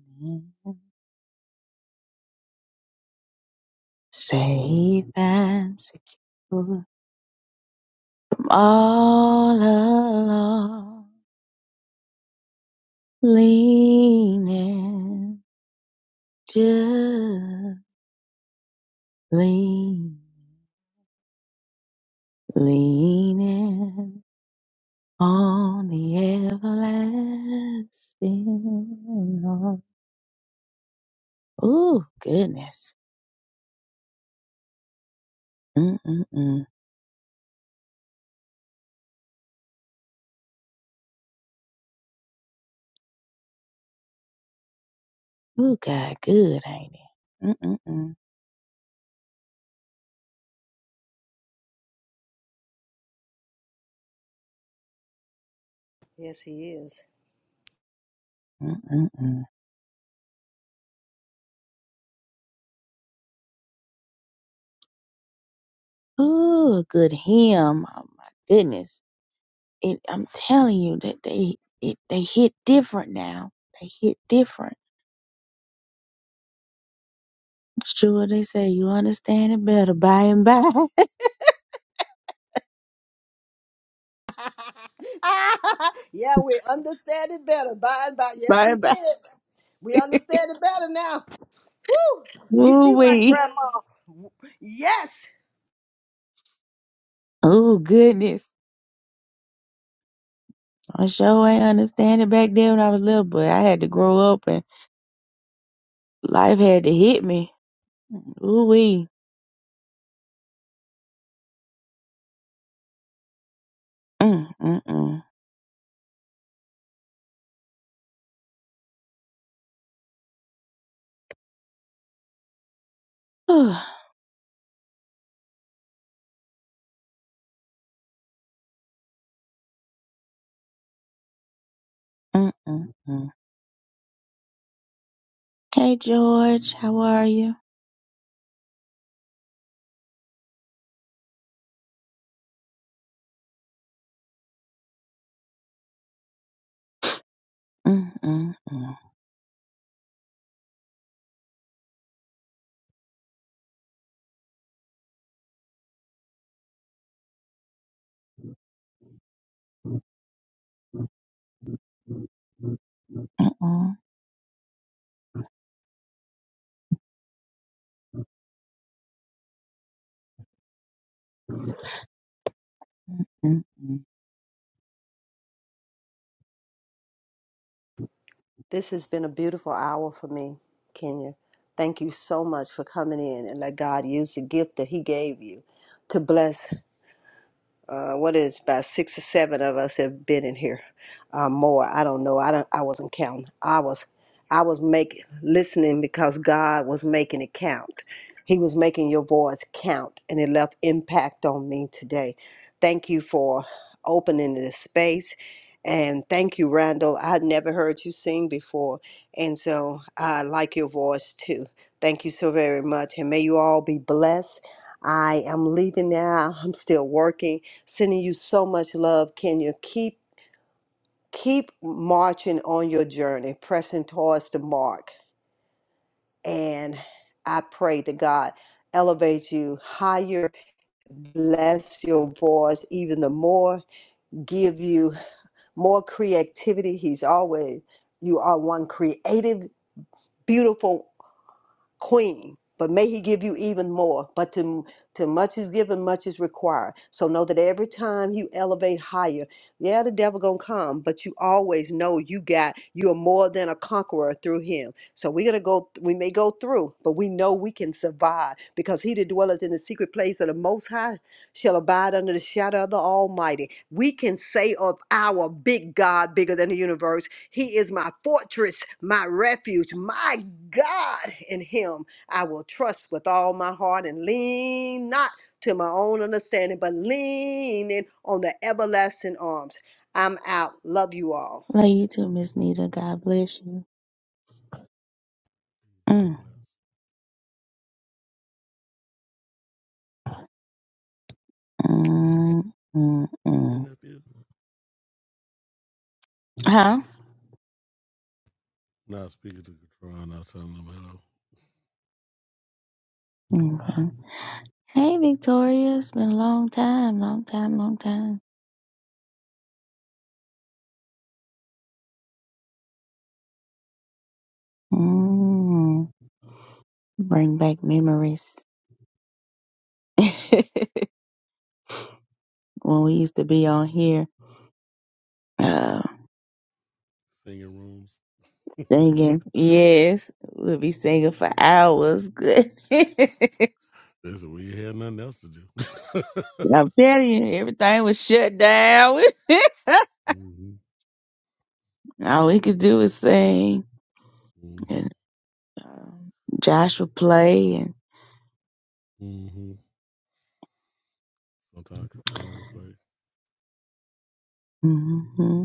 safe and secure. all alone, leaning, just lean, leaning on the everlasting arm. Ooh, goodness. Mm-mm-mm. Ooh, God, good, ain't it? Mm-mm-mm. Yes, he is. Mm-mm-mm. Ooh, a good hymn. Oh, my goodness. It, I'm telling you that they, it, they hit different now. They hit different Sure, they say you understand it better by and by. yeah, we understand it better by and by. Yes, by we and did. by. We understand it better now. Woo! We Ooh see why wee. grandma. Yes. Oh goodness. I sure ain't understand it back then when I was little, but I had to grow up and life had to hit me. Ooh wee. Mm mm mm. Whew. mm mm mm. Hey George, how are you? Mm mm mm mm mm. mm. This has been a beautiful hour for me, Kenya. Thank you so much for coming in and let God use the gift that He gave you to bless uh, what is about six or seven of us have been in here uh, more i don't know i don't i wasn't counting i was i was making listening because god was making it count he was making your voice count and it left impact on me today thank you for opening this space and thank you randall i had never heard you sing before and so i like your voice too thank you so very much and may you all be blessed i am leaving now i'm still working Sending you so much love, Kenya. Keep keep marching on your journey, pressing towards the mark. And I pray that God elevates you higher, bless your voice even the more, give you more creativity. He's always you are one creative, beautiful queen but may he give you even more but to to much is given much is required so know that every time you elevate higher yeah the devil gonna come but you always know you got you are more than a conqueror through him so we're gonna go we may go through but we know we can survive because he that dwelleth in the secret place of the most high shall abide under the shadow of the almighty we can say of our big god bigger than the universe he is my fortress, my refuge, my God. In him I will trust with all my heart and lean not to my own understanding, but leaning on the everlasting arms. I'm out. Love you all. Love you too, Miss Nita. God bless you. God Mm bless. mm mm Isn't mm. that feel? Huh? Now speaking to Katron, now telling them hello. Okay. Hey, Victoria. It's been a long time, long time, long time. Mm, bring back memories. when we used to be on here uh, Singing rooms. singing. Yes, we'll be singing for hours. Good. Listen, we had nothing else to do. I'm telling you, everything was shut down. mm-hmm. All we could do was sing. Mm-hmm. And, um, Josh would play. And, Mm-hmm. Sometimes Katron would play. mm-hmm.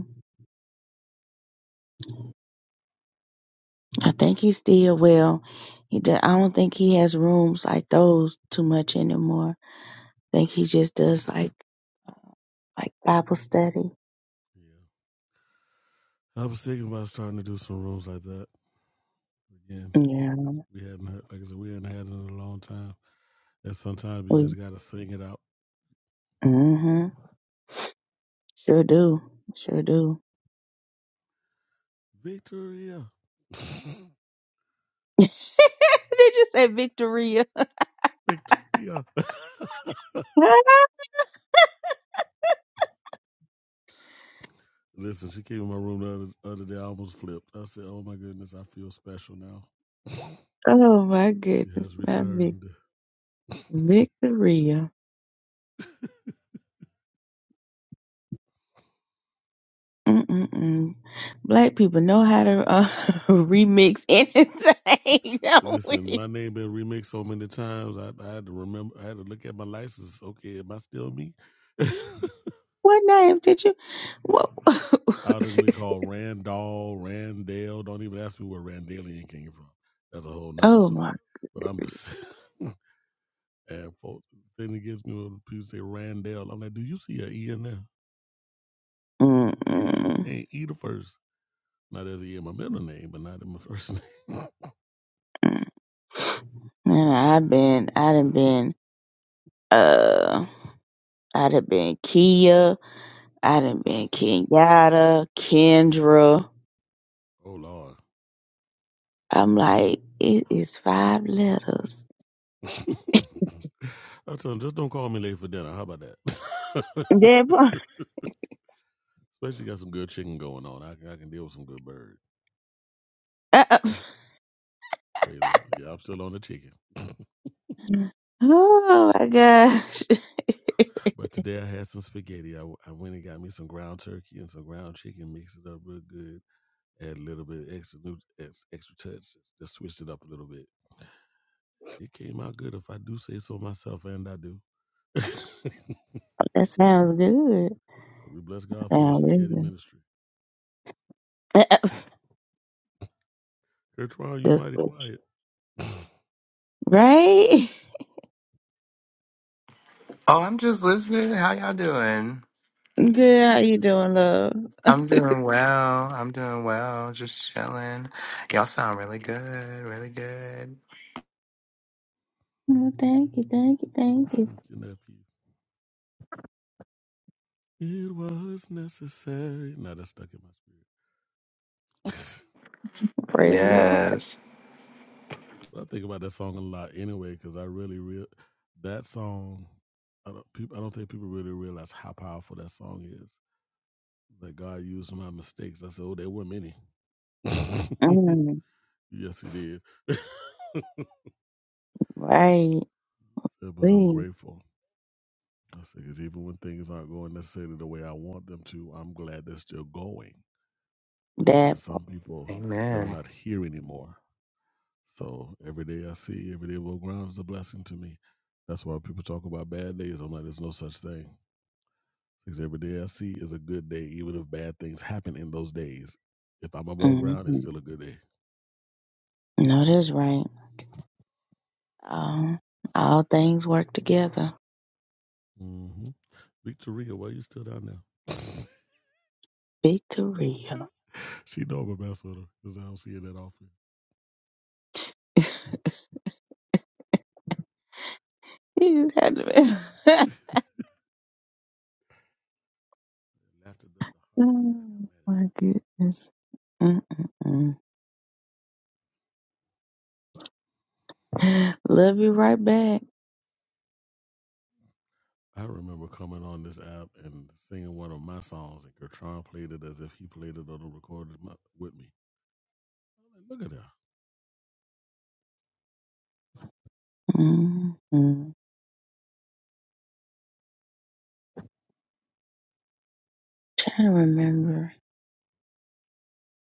I think he still will. He do, I don't think he has rooms like those too much anymore. I think he just does like like Bible study. Yeah. I was thinking about starting to do some rooms like that. Again, Yeah. We hadn't heard, like I said, we hadn't had it in a long time. And sometimes you We just gotta sing it out. mhm. Sure do. Sure do. Victoria, Did you say Victoria? Victoria. Listen, she came in my room the other, other day. I almost flipped. I said, "Oh my goodness, I feel special now." oh my She goodness. has Not Vic- returned. Victoria. Mm-mm-mm. Black people know how to uh, remix anything, don't Listen, we? my name been remixed so many times. I, I had to remember. I had to look at my license. Okay, am I still me? What name did you? What? Out of be called Randall, Randale. Don't even ask me where Randalian came from. That's a whole nother oh my story. But I'm just and folks then it gets me when people say Randall. I'm like, do you see an E in there? Ain't, Mm-mm. ain't E the first. Now there's an E in my middle name, but not in my first name. Man, I've been, I done been, uh, I done been Kia, I done been Kenyatta, Kendra. oh Lord. I'm like, it is five letters. I tell them, just don't call me late for dinner. How about that? That part. Especially got some good chicken going on. I, can- I can deal with some good bird. Uh, uh. Praise the Lord. Yeah, I'm still on the chicken. oh my gosh, But today I had some spaghetti. I, w- I went and got me some ground turkey and some ground chicken, mixed it up real good, add a little bit of extra new, ex, extra touch, just switched it up a little bit. It came out good if I do say so myself, and I do. so that sounds good. we bless God for the Sounds really spaghetti good. ministry. Uh, uh. Gertrude, you That's mighty what- quiet. right? Oh, I'm just listening. How y'all doing? Good. How Doing you good. doing, love? I'm doing well. I'm doing well. Just chilling. Y'all sound really good. Really good. Oh, thank you, thank you, thank you. Thank you, nephew. It was necessary. Now that's stuck in my spirit. Praise the Lord. Yes. I think about that song a lot anyway because I really real that song. I don't people. I don't think people really realize how powerful that song is. That God used my mistakes. I said, oh, there were many. Mm, yes, He did. I right. said, but I'm see grateful. I said, because even when things aren't going necessarily the way I want them to, I'm glad they're still going. Because that there's some people that are Amen. not here anymore So every day I see, every day above ground is a blessing to me. That's why people talk about bad days. I'm like, there's no such thing. Because every day I see is a good day, even if bad things happen in those days. If I'm above hmm ground, it's still a good day. no, that's right. Um, all things work together. Mm-hmm. Victoria, why you still down there? Victoria. she know I'm a mess with her because I don't see her that often. You had to be- Laughter does the heart good like a oh my medicine. goodness. Mm-mm-mm. Love you right back. I remember coming on this app and singing one of my songs, and Gertron played it as if he played it on the recorded mu- with me. I'm like, look at that. mm mm Trying to remember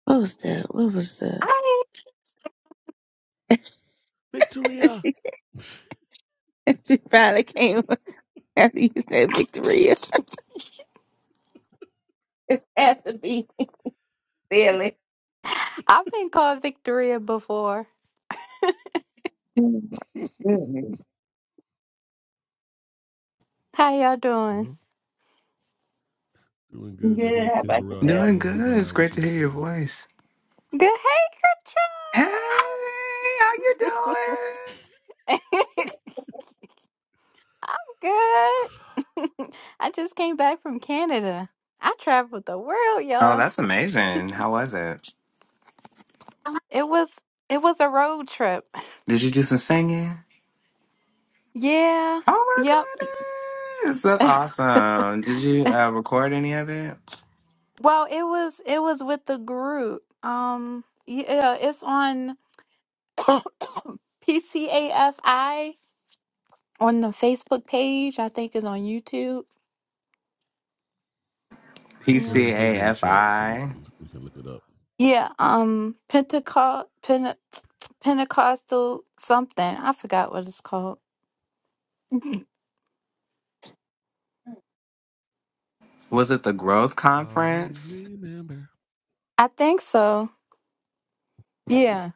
what was the what was the I Victoria. she, she finally came up after you said Victoria. It had to be silly. I've been called Victoria before. Oh my goodness. How y'all doing? well, doing good. That Good. means How Kim about Burrell yourself? had Doing you on her good. It's mind when great she to was hear your singing. voice. Good. Hey, how you doing? Hey, Gertrude. I'm good. I just came back from Canada. I traveled the world, Oh, y'all. that's amazing. How was it? It was it was a road trip. Did you do some singing? Yeah. Oh my Yep. goodness, that's awesome. Did you uh, record any of it? well, it was it was with the group. Um. Yeah. It's on PCAFI. on the Facebook page. I think is on YouTube. Go Yeah. ahead and put it in the chat so we PCAFI. can we can look it up. Yeah. Um, Pentecost, Pente- Pentecostal something. I forgot what it's called. Mhm. Was it the growth Always conference? remember. I think so. Yeah.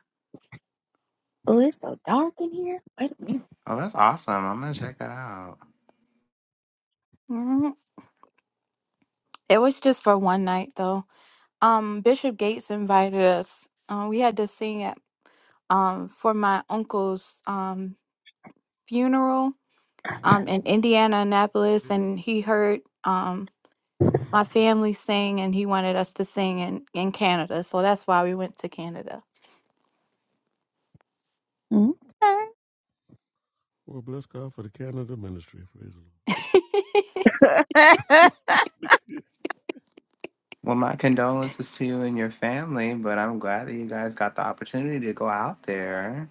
Oh, it's so dark in here. Wait a Oh, that's awesome. I'm gonna check that out. Mhm. It was just for one night though. Um, Bishop Gates invited us. Um, we had to sing at um for my uncle's um funeral um in Indiana Annapolis, and he heard um, my family sang and he wanted us to sing in, in Canada. So that's why we went to Canada. minute. Well, bless God for the Canada ministry. Praise the Okay. Well, my condolences to you and your family, but I'm glad that you guys got the opportunity to go out there.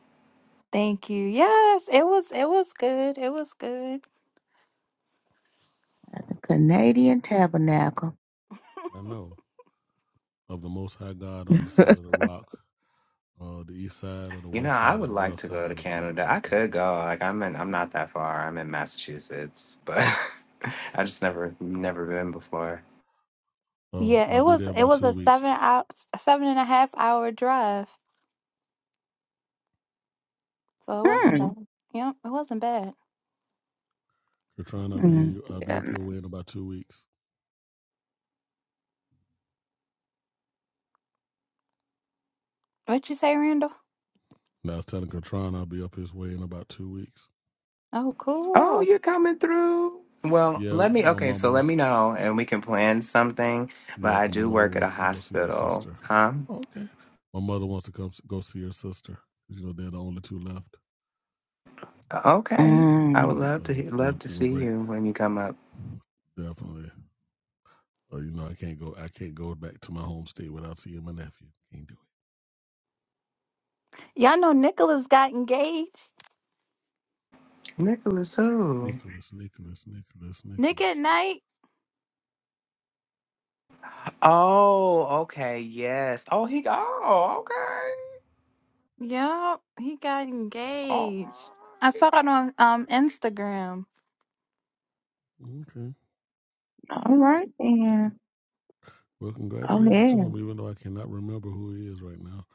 Thank you. Yes, it was it was good. It was good. Canadian Tabernacle. Lord. I know of the Most High God on the Mm. side of the rock, uh, the east side or the You know, west I side or would the like rough to go to side of the Canada. mountain. I Praise could go. the Like I'm in I'm not that far. I'm in Massachusetts, but I just never never been before. Lord. Yeah, Oh, I'll it be there was in it about was two a seven weeks. out seven and a half hour drive. So it wasn't Hmm. bad. Yep, it wasn't bad. Katron, I'll be Mm. in, I'll be Yeah. up your way in about two weeks. What'd you say, Randall? And I was telling Katron I'll be up his way in about two weeks. Oh, Oh, cool. you're coming through. Well, Yeah, let me my okay, mama so let was me know and we can plan something. But Yeah, I 'cause my do mother work at a wants to go see her hospital. sister. Huh? Oh, okay. My mother wants to come s- go see her sister. You know, they're the only two left, Okay. I would and Mm. love to he- so we're love to we're see break you when you come up. definitely. Uh, you know, I can't go. I can't go back to my home state without seeing my nephew. Can't do it. Y'all know Nicholas got engaged. Nicholas who? Nicholas, Nicholas, Nicholas, Nick at Nicholas. night. Oh, okay, yes. Oh, he oh, okay. Yep, he got All engaged. I right. saw it on um Instagram. Okay. All Yep. right then. Well, Go congratulations to ahead. him, even though I cannot remember who he is right now.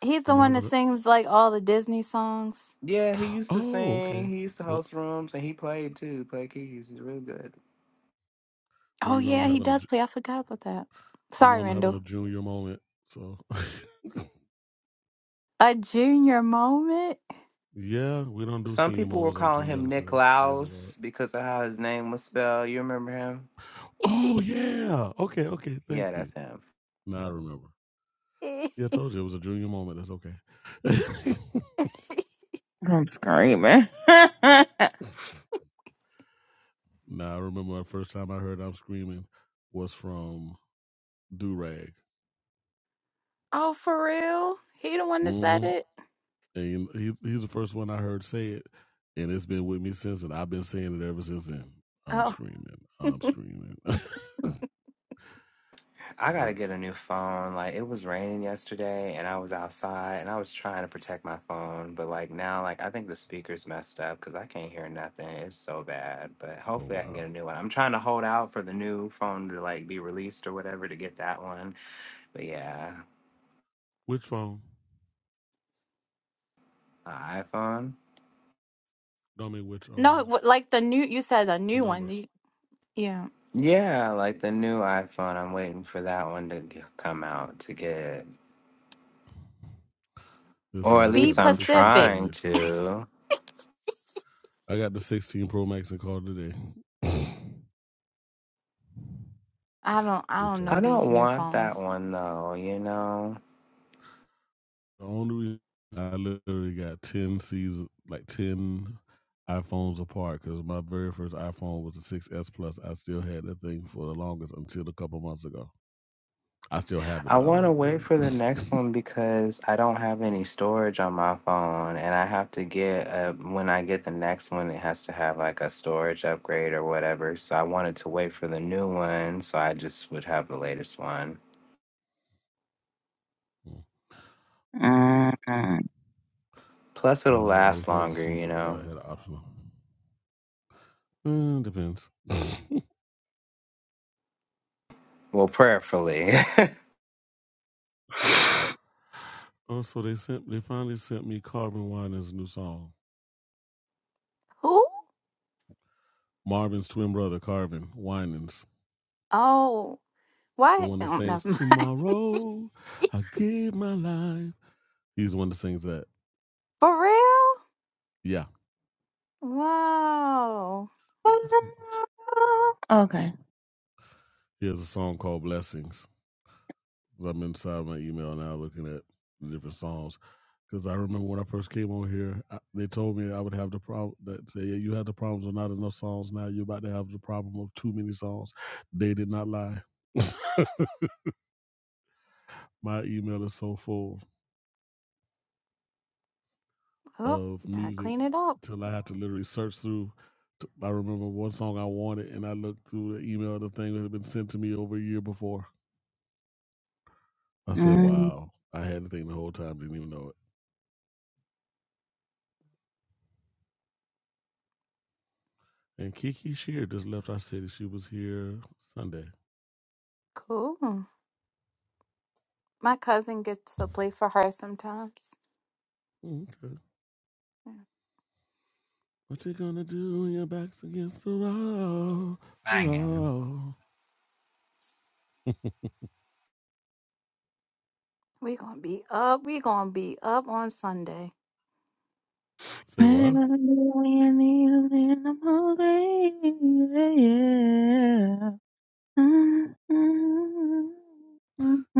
He's the I'm one that having a. sings like all the Disney songs. Yeah, he used to Oh, okay. sing, he used to What? host rooms and he played too, played keys. He's really good. Well, Oh you know, I'm yeah, he having a. does ju- play. I forgot about that. You Sorry, know, I'm having a Randall. junior moment. So. A junior moment. Yeah, we don't do Some senior people were moments. I'm too calling him young for Nick that. Praise the Lord. Laus because of how his name was spelled. You remember him? Oh yeah. Okay, okay. Thank Yeah, you. that's him. Now I remember. See, I told you it was a junior moment. That's okay. I'm screaming. now I remember my first time I heard I'm screaming was from Durag. oh, for real? He the one that said hmm it? And he, he's the first one I heard say it, and it's been with me since, and I've been saying it ever since then. I'm Oh screaming. I'm screaming. I Duh. gotta get a new phone. Like it was raining yesterday and I was outside and I was trying to protect my phone, but like now like I think the speaker's messed up because I can't hear nothing. It's so bad. But oh hopefully I can get wow. a new one. I'm trying to hold out for the new phone to like be released or whatever to get that one. But yeah, Which phone? a iPhone. Don't mean which no, it um wa- like the new. You said the the new one. number. You- yeah. Yeah, like the new iPhone. I'm waiting for that one to g- come out to get it. Listen, Or I at just Be least got the I'm 16 Pro Pacific. trying Max call today. to. I got the 16 Pro Max and call today. I don't. I Which don't I, know I these don't new want that phones. one though, you know? the only reason I literally got 10 seasons, like 10 iPhones apart, because my very first iPhone was the 6S Plus. I still had that thing for the longest until a couple months ago. I still have it, I but I want to don't wait really. for the next one because I don't have any storage on my phone, and I have to get uh when I get the next one, it has to have like a storage upgrade or whatever. So I wanted to wait for the new one, so I just would have the latest one. Mm. Plus, it'll Well, I was last glad to longer, see you that, that I know. had an option. Uh, depends. that Well, prayerfully. part. Oh, so they sent. They finally sent me Carvin Winans' new song. Who? Marvin's twin brother, Carvin Winans, Oh, the what? one I that don't know. sings "Tomorrow I Give My Life." He's the one that sings that. For real? Yeah, Wow. okay. he has a song called "Blessings." 'Cause I'm inside my email now, looking at the different songs. Because I remember when I first came on here, I, they told me I would have the problem that say, "Yeah, you have the problems of not enough songs. Now you're about to have the problem of too many songs." They did not lie. my email is so full. Oh, of gotta music clean it up. till I had to literally search through. t- I remember one song I wanted, and I looked through the email, of the thing that had been sent to me over a year before. I said, Mm. "Wow, I had the thing the whole time, didn't even know it." And Kiki Shear just left our city. She was here Sunday. Cool. My cousin gets to play for her sometimes. Okay. Yeah. What you gonna do when your back's against the wall? Banging. wall? We gonna be up. We gonna be up on Sunday. Say Yeah. what? Mm. Mm.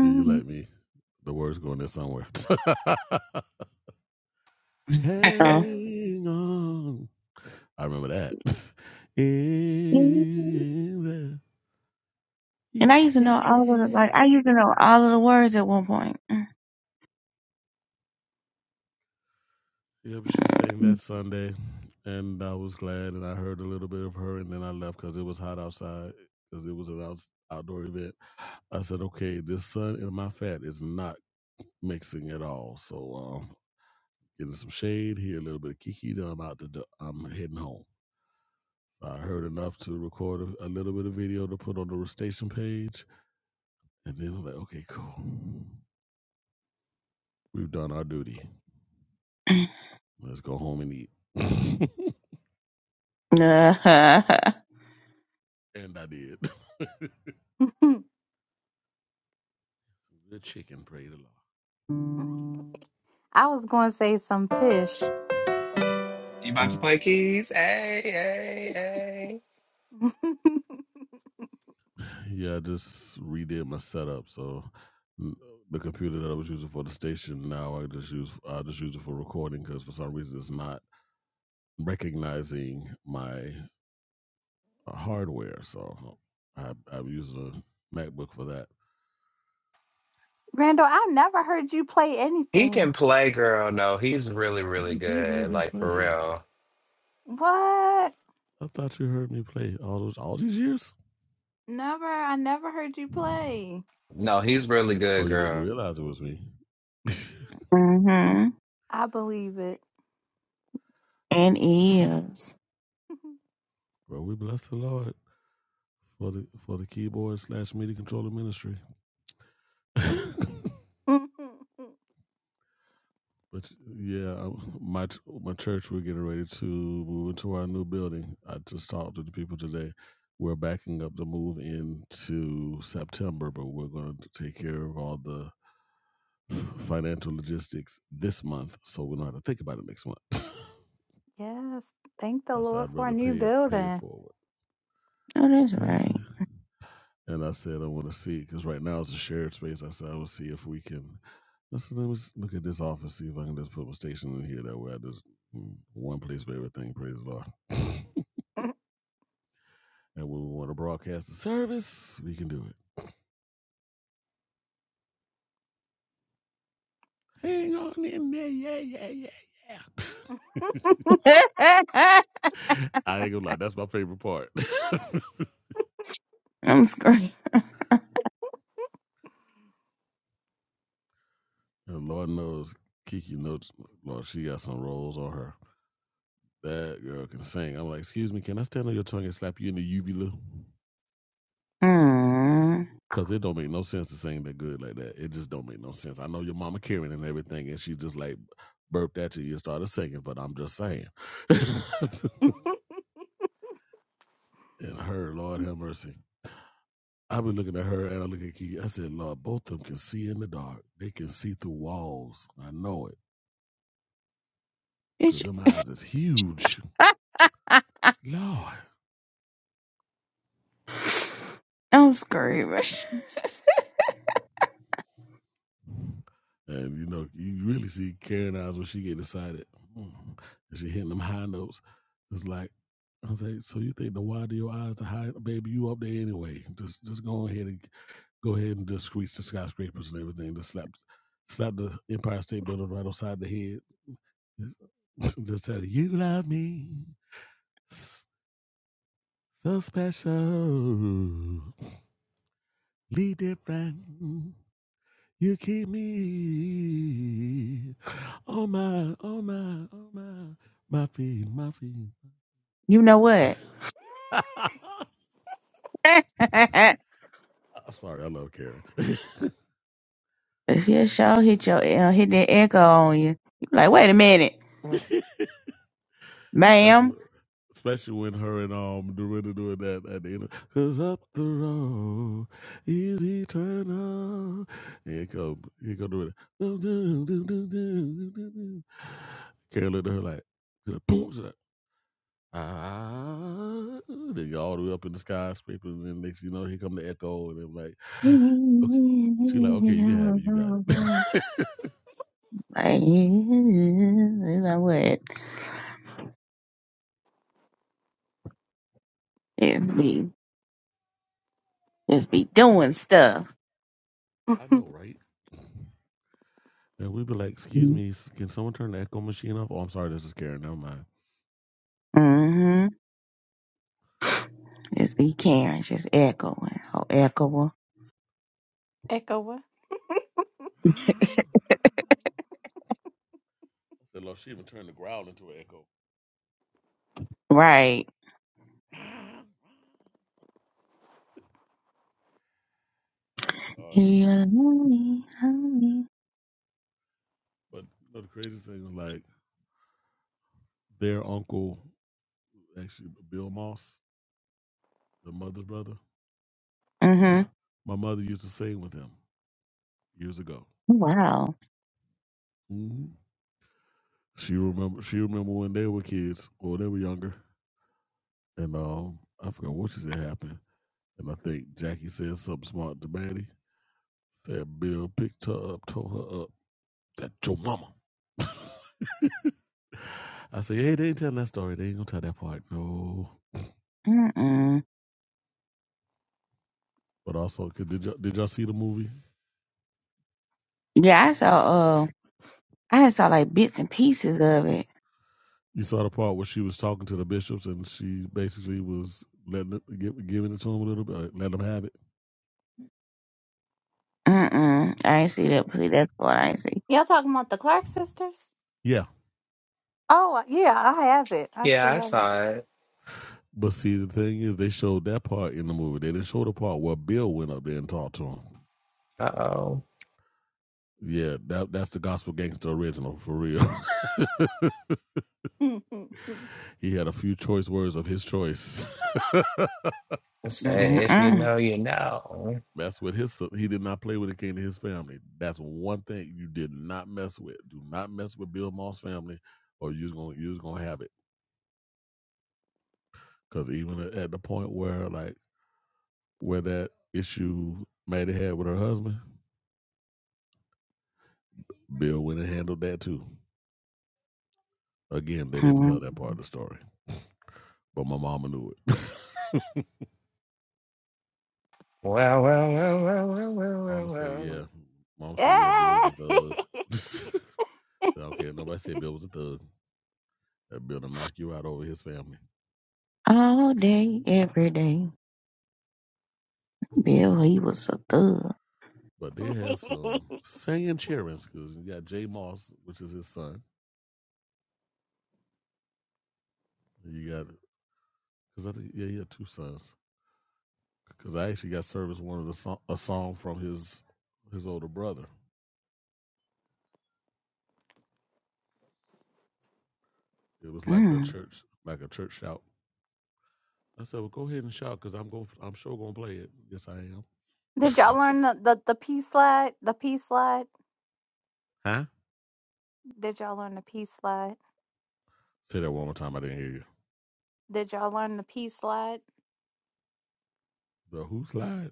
Yeah, you like me. The words going there somewhere. Hang on I remember that. Oh. In the- And yeah, I used to yeah, know all yeah, of the yeah. like I used to know all of the words at one point. Yep, she sang that Sunday, and I was glad, and I heard a little bit of her, and then I left because it was hot outside, because it was an out- outdoor event. I said, okay, this sun and my fat is not mixing at all. So um, getting some shade here, a little bit of kiki. Then I'm out the. do- I'm heading home. So I heard enough to record a, a little bit of video to put on the station page, and then I'm like, okay, cool. We've done our duty. Let's go home and eat. and I did. Some good chicken, pray the Lord. I was gonna say some fish. you about to play keys? Hey, hey, hey. Yeah, I just redid my setup. So n- the computer that I was using for the station now I just use I just use it for recording because for some reason it's not recognizing my uh, hardware. So I I use a MacBook for that. Randall, I never heard you play He anything. can play, girl. No, he's really, really You did hear good. me Like, for play. real. What? I thought you heard me play all those all these years. Never. I never heard you play. No, he's really Oh, good, you didn't girl. realize it was me. mm-hmm. I believe it. And eels. well, we bless the Lord. for the for the keyboard slash MIDI controller ministry. but yeah, I, my my church we're getting ready to move into our new building. I just talked to the people today. We're backing up the move into September, but we're going to take care of all the financial logistics this month, so we don't have to think about it next month. yes. Thank the I said Lord I'd for a rather new pay it pay it building. forward. Oh, that's Yes, right. And I said, I want to see because right now it's a shared space. I said, I will see if we can. I said, let me s- look at this office, see if I can just put my station in here. That way, I just mm, one place for everything. Praise the Lord. And when we want to broadcast the service, we can do it. Hang on in there, yeah, yeah, yeah, yeah. I ain't gonna lie, that's my favorite part. I'm screaming. And Lord knows, Kiki knows, Lord, she got some rolls on her. That girl can sing. I'm like, excuse me, can I stand on your tongue and slap you in the uvula? Mm. Cause it don't make no sense to sing that good like that. It just don't make no sense. I know your mama Karen and everything, and she just like burped at you. You started singing, but I'm just saying. and her, Lord have mercy. I've been looking at her and I look at Kiki. I said, Lord, both of them can see in the dark. They can see through walls. I know it. Did Cause you- them eyes is huge. Lord. I'm screaming. And you know, you really see Karen eyes when she get excited. Mm. And she hitting them high notes. It's like I was like, so you think the wide of your eyes are high, baby? You up there anyway? Just just go ahead and go ahead and just reach the skyscrapers and everything. Just slap slap the Empire State Building right outside the head. Just, just tell you, you love me so special, be different. You keep me on my, on my, on my, my feet, my feet. You know what? I'm sorry, I love Karen. If your show hit your uh, hit that echo on you, you be like, wait a minute, especially, ma'am. especially when her and um Dorinda doing that at the end. Of, Cause up the road is eternal. Here come, here come Dorinda. Do, do, do, do, do, do, do, do. Karen looked at her like, boom. Ah, they go all the way up in the skyscraper, and then next you know, here come the echo, and they're like, okay. She like, okay, you can have it, you got it. Like, you know what? Just be, just be doing stuff. I know, right? And we'd be like, excuse me, s- can someone turn the echo machine off? Oh, I'm sorry, this is Karen. Never mind. Mm-hmm. Just be caring, just echoing. Oh, echoing. Echo what? I said, Lord, she even turned the growl into an echo. Right. I said, Lord have mercy. You're lonely, lonely. But you know, the craziest thing is like their uncle, actually Bill Moss, the mother's brother. Mm-hmm. My mother used to sing with him years ago. Wow. hmm She remember she remember when they were kids or they were younger, and um, I forgot what she said happened. And I think Jackie said something smart to Maddie. Said Bill picked her up, told her up. That's your mama. I said, hey, they ain't telling that story. They ain't gonna tell that part, no. Mm-mm. But also, 'cause did y'all, did y'all see the movie? Yeah, I saw, uh, I had saw like bits and pieces of it. You saw the part where she was talking to the bishops and she basically was letting it, gi- giving it to him a little bit, uh, let him have it. Mm-mm. I ain't see that See That's what I ain't see. Y'all talking about the Clark sisters? Yeah, Oh, uh, yeah, I have it. I Yeah, actually I have saw it. But see, the thing is, they showed that part in the movie. They didn't show the part where Bill went up there and talked to him. Uh oh. Yeah, that that's the gospel gangster original for real. it. he had a few choice words of his choice. It said, if you Mm-mm. know, you know. mess with his. He did not play when it came to his family. That's one thing you did not mess with. Do not mess with Bill Moss family, or you're gonna you're gonna have it. Because even at at the point where like where that issue Maddie had with her husband, Bill went and handled that too. Again, they didn't tell that part of mm the story, but my mama knew it. Well, well, well, well, well, well, well, mama said, "Yeah." well. Mama said, "Yeah, Bill was Yeah. a thug." Said, I Nobody said Bill was a thug. That Bill to knock you out over his family. All day, every day. Bill, he was a thug. But they had some singing cheering because you got Jay Moss, which is his son. You got because I think yeah, he had two sons. Because I actually got service one of the song, a song from his his older brother. It was like a Mm. church like a church shout. I said, well, go ahead and shout because I'm going I'm sure gonna play it. Yes, I am. Did y'all learn the, the, the P slide? The P slide? Huh? Did y'all learn the P slide? Say that one more time. I didn't hear you. Did y'all learn the P slide? The who slide?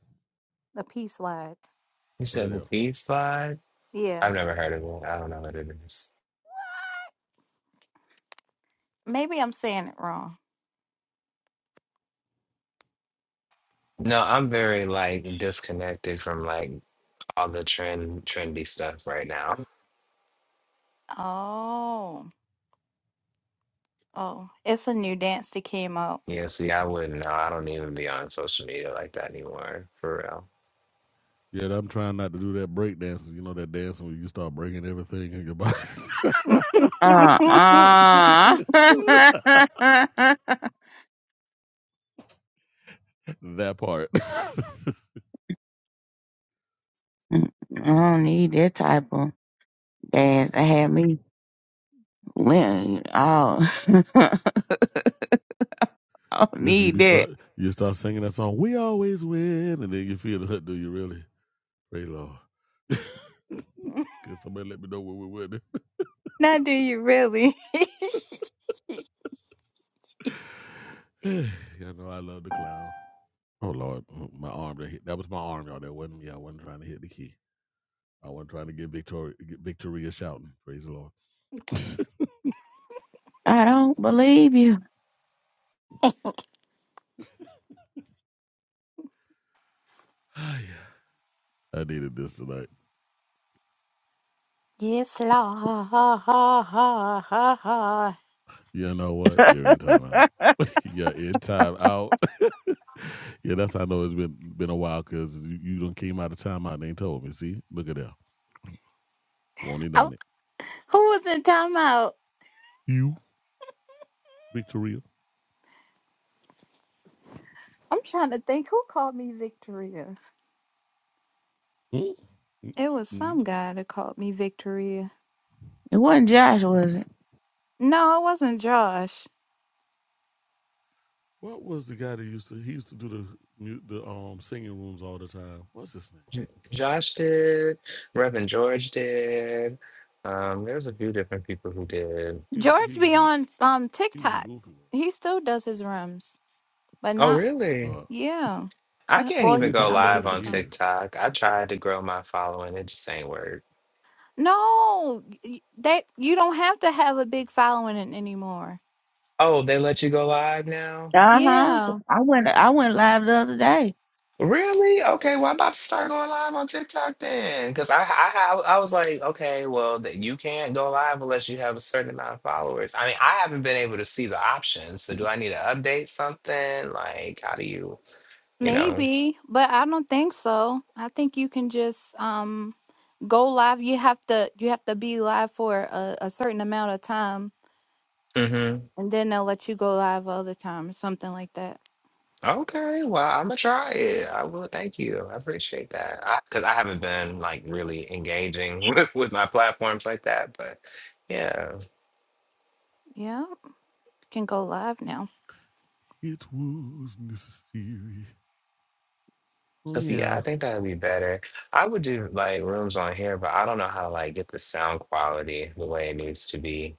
The P slide. You What it said the is? peace slide? I've Yeah. never heard of it. I don't know what it is. Maybe I'm saying it wrong. No, I'm very like disconnected from like all the trend trendy stuff right now. oh. Oh, it's a new dance that came out. Yeah, see, I wouldn't know. I don't even be on social media like that anymore, for real. Yeah, I'm trying not to do that break dancing. You know that dancing where you start breaking everything in your body. Uh uh. I that part. don't need that type of dance. I had me win. Oh, I don't This you need be that. start you start singing that song. We always win, and then you feel it. Do you really? Pray Lord. Can somebody let me know where we went. now, do you really? you all know I love the clown. Oh Lord, my arm that hit. That was my arm, y'all. That wasn't me. I wasn't trying to hit the key. I wasn't trying to get Victoria get Victoria shouting. Praise the Lord. I don't believe you. Oh, yeah. I needed this tonight. yes, la ha ha ha ha ha. You know what? You're in timeout. You're in timeout. yeah, that's how I know it's been been a while because you, you done came out of timeout and ain't told me. See, look at that. Won't he Oh, done it? who was in timeout? You, Victoria. I'm trying to think. Who called me Victoria? Hmm? Mm, It was me? some guy that called me Victoria. It wasn't Josh, was it? No, it wasn't Josh. What was the guy that used to? He used to do the mu- the um singing rooms all the time. What's his name? J- Josh did, Reverend George did. Um, there was a few different people who did. He George he was be a on um he was a TikTok. goofy one. He still does his rooms, but Oh, not. really? No, Yeah. I Yep. can't Well, I even he's ain't go been talked to other live Georgia in on people's rooms. years. TikTok. I tried to grow my following, it just ain't work. No, y- that you don't have to have a big following an- anymore. Oh, they let you go live now? Uh huh. Yeah, I went. I went live the other day. Really? Okay, well, I'm about to start going live on TikTok then. Because I, I, I was like, okay, well, that you can't go live unless you have a certain amount of followers. I mean, I haven't been able to see the options. So do I need to update something? Like, how do you, you know? maybe, but I don't think so. I think you can just um go live. You have to you have to be live for a, a certain amount of time, Mm-hmm. and then they'll let you go live all the time or something like that. Okay, well, I'm gonna try it. I will. Thank you. I appreciate that. I Because I, haven't been like really engaging with, with my platforms like that, but yeah, Yeah, you can go live now. It was necessary. Oh because yeah, yeah. I think that would be better. I would do like rooms on here, but I don't know how to like get the sound quality the way it needs to be.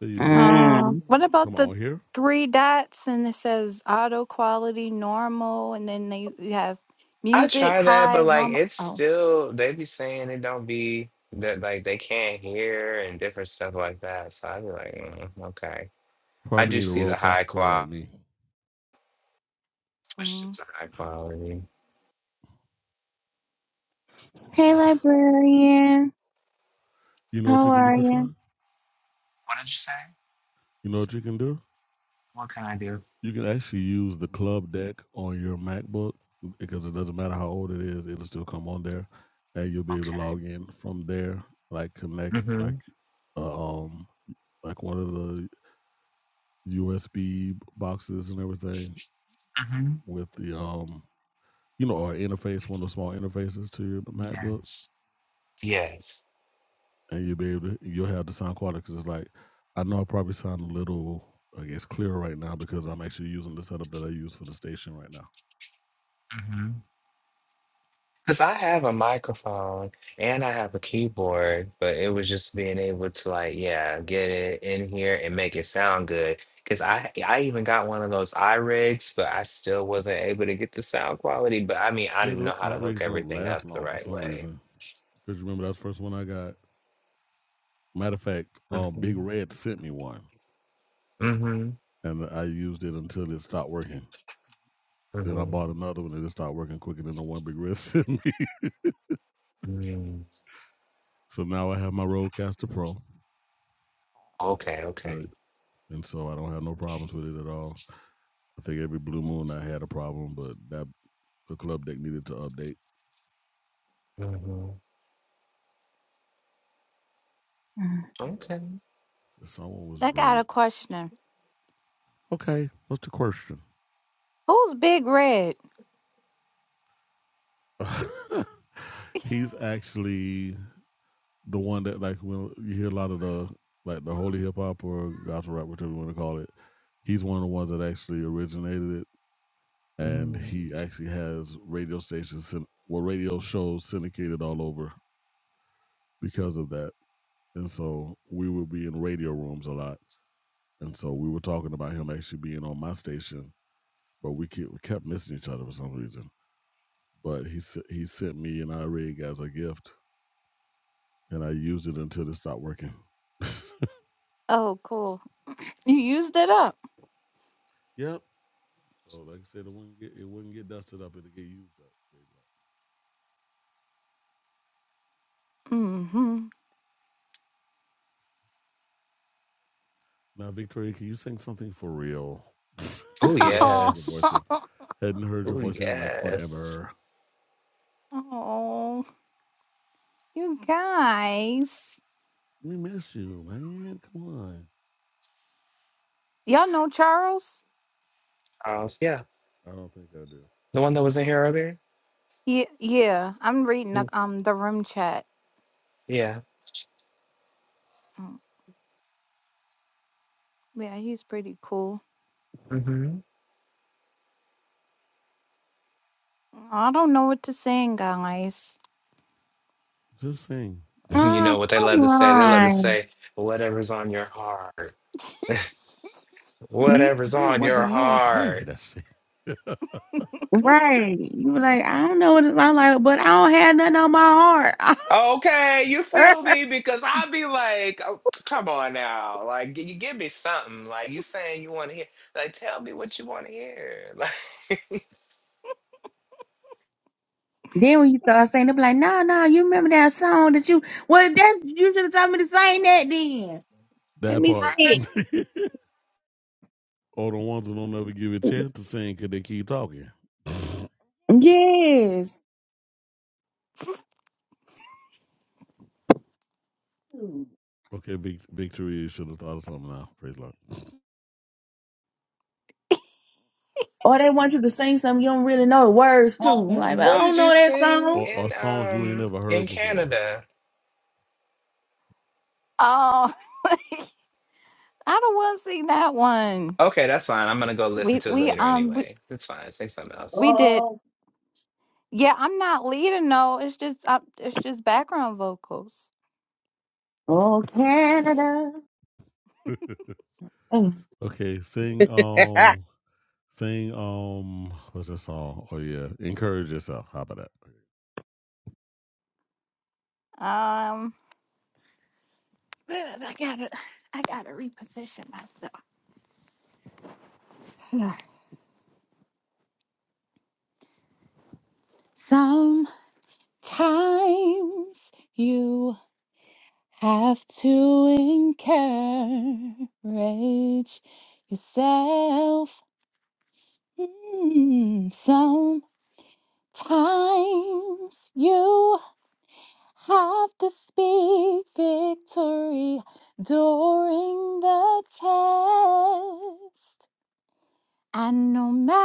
So you do what? Um, Mm. what about Come the on here. three dots and it says auto quality normal, and then they you have I music try that, but high like normal. it's still they be saying it don't be that like they can't hear and different stuff like that. So I'd be like, mm, okay. I Probably do need a see the high roadcaster pro like quality, me. especially if Oh. it's a high quality. Hey, librarian. You know what How you can do, are you? Katron? What did you say? You know what you can do? What can I do? You can actually use the club deck on your MacBook because it doesn't matter how old it is, it'll still come on there. And you'll be able to log in from there, like Okay. connect Mm-hmm. like uh, um like one of the USB boxes and everything Mm-hmm. with the um you know, or interface, one of the small interfaces to your MacBook Yes. Yes. and you'll be able to you'll have the sound quality because it's like I know I probably sound a little I guess clearer right now because I'm actually using the setup that I use for the station right now. Mm-hmm. Because I have a microphone and I have a keyboard, but it was just being able to like, yeah, get it in here and make it sound good. Because I I even got one of those iRigs, but I still wasn't able to get the sound quality. But I mean, I Yeah, didn't know those how to hook outrigs don't everything up last the long for right some way. reason. Cause you remember that's the first one I got. Matter of fact, um, Mm-hmm. Big Red sent me one, Mm-hmm. and I used it until it stopped working. Then I Mm-hmm. bought another one, and it stopped working quicker than the one Big Red sent me. mm so now I have my Rodecaster Pro, Okay. that, Okay. and so I don't have no problems with it at all. I think every blue moon I had a problem, but that the club deck needed to update. Mm-hmm. Okay. Someone was I got a brilliant. question. Okay, what's the question? Who's Big Red? He's actually the one that like when you hear a lot of the like the holy hip hop or gospel rap, whatever you want to call it. He's one of the ones that actually originated it, and Mm. he actually has radio stations, well, radio shows syndicated all over because of that. And so we would be in radio rooms a lot, and so we were talking about him actually being on my station, but we kept, we kept missing each other for some reason but he s- he sent me an iRig as a gift, and I used it until it stopped working. Oh, cool. You used it up. yep. So like I said, it wouldn't get it wouldn't get dusted up; it'd get used up. Praise the Mm-hmm. Lord. Now, Victoria, can you sing something for real? Oh Because I hadn't Oh, heard your voice yes. in hadn't heard your Oh voice in like yes. forever. oh, you guys. We miss you, man. Come on. Y'all know Charles? Uh, yeah, I don't think I do. the one that was in here earlier. Yeah, yeah. I'm reading the, Mm, um the room chat. Yeah. Mm, Yeah, he's pretty cool. hmm I don't know what to sing, guys. Just sing. You Oh, know what they come love to say? They love to on. say whatever's on your heart. You- Whatever's See on what the your Lord tell you heart. to sing. Right. You were like, I don't know what it's like, but I don't have nothing on my Okay, you heart. feel me? Because I'd be like, oh, come on now, like g- you give me something. Like you saying you want to hear? Like tell me what you want to hear. Like, Then when you start saying, they be like, "No, no, you remember that song that you? Well, that you should have told me to sing that then. Let that me part. right? see. or the ones that don't ever give you a chance to sing because they keep talking. Yes. okay, big victory. You should have thought of something now. Praise Lord. Or they want you to sing something you don't really know the words to. Well, I'm w- Like I what did don't you know that sing song. Or, or in songs you ain't um never heard in before. Canada? Oh, I don't want to sing that one. Okay, that's fine. I'm gonna go listen We to it we later um we, anyway. It's fine. Sing something else. we did. Oh, Yeah, I'm not leading. No, it's just uh, it's just background vocals. oh, Canada. okay, sing Mm. um, sing um, what's that song? Oh yeah, encourage yourself. How about that? Um, but I gotta, I gotta reposition myself. Sometimes you have to encourage yourself. Mm, Sometimes you have to speak victory during the test. And no matter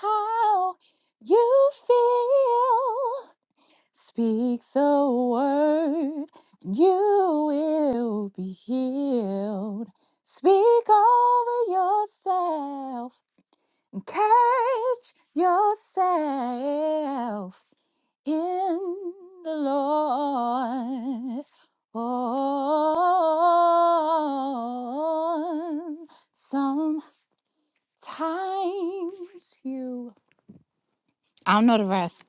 how you feel, speak the word and you will be healed. Speak over yourself, encourage yourself in the Lord. Oh, times you. I don't know the rest.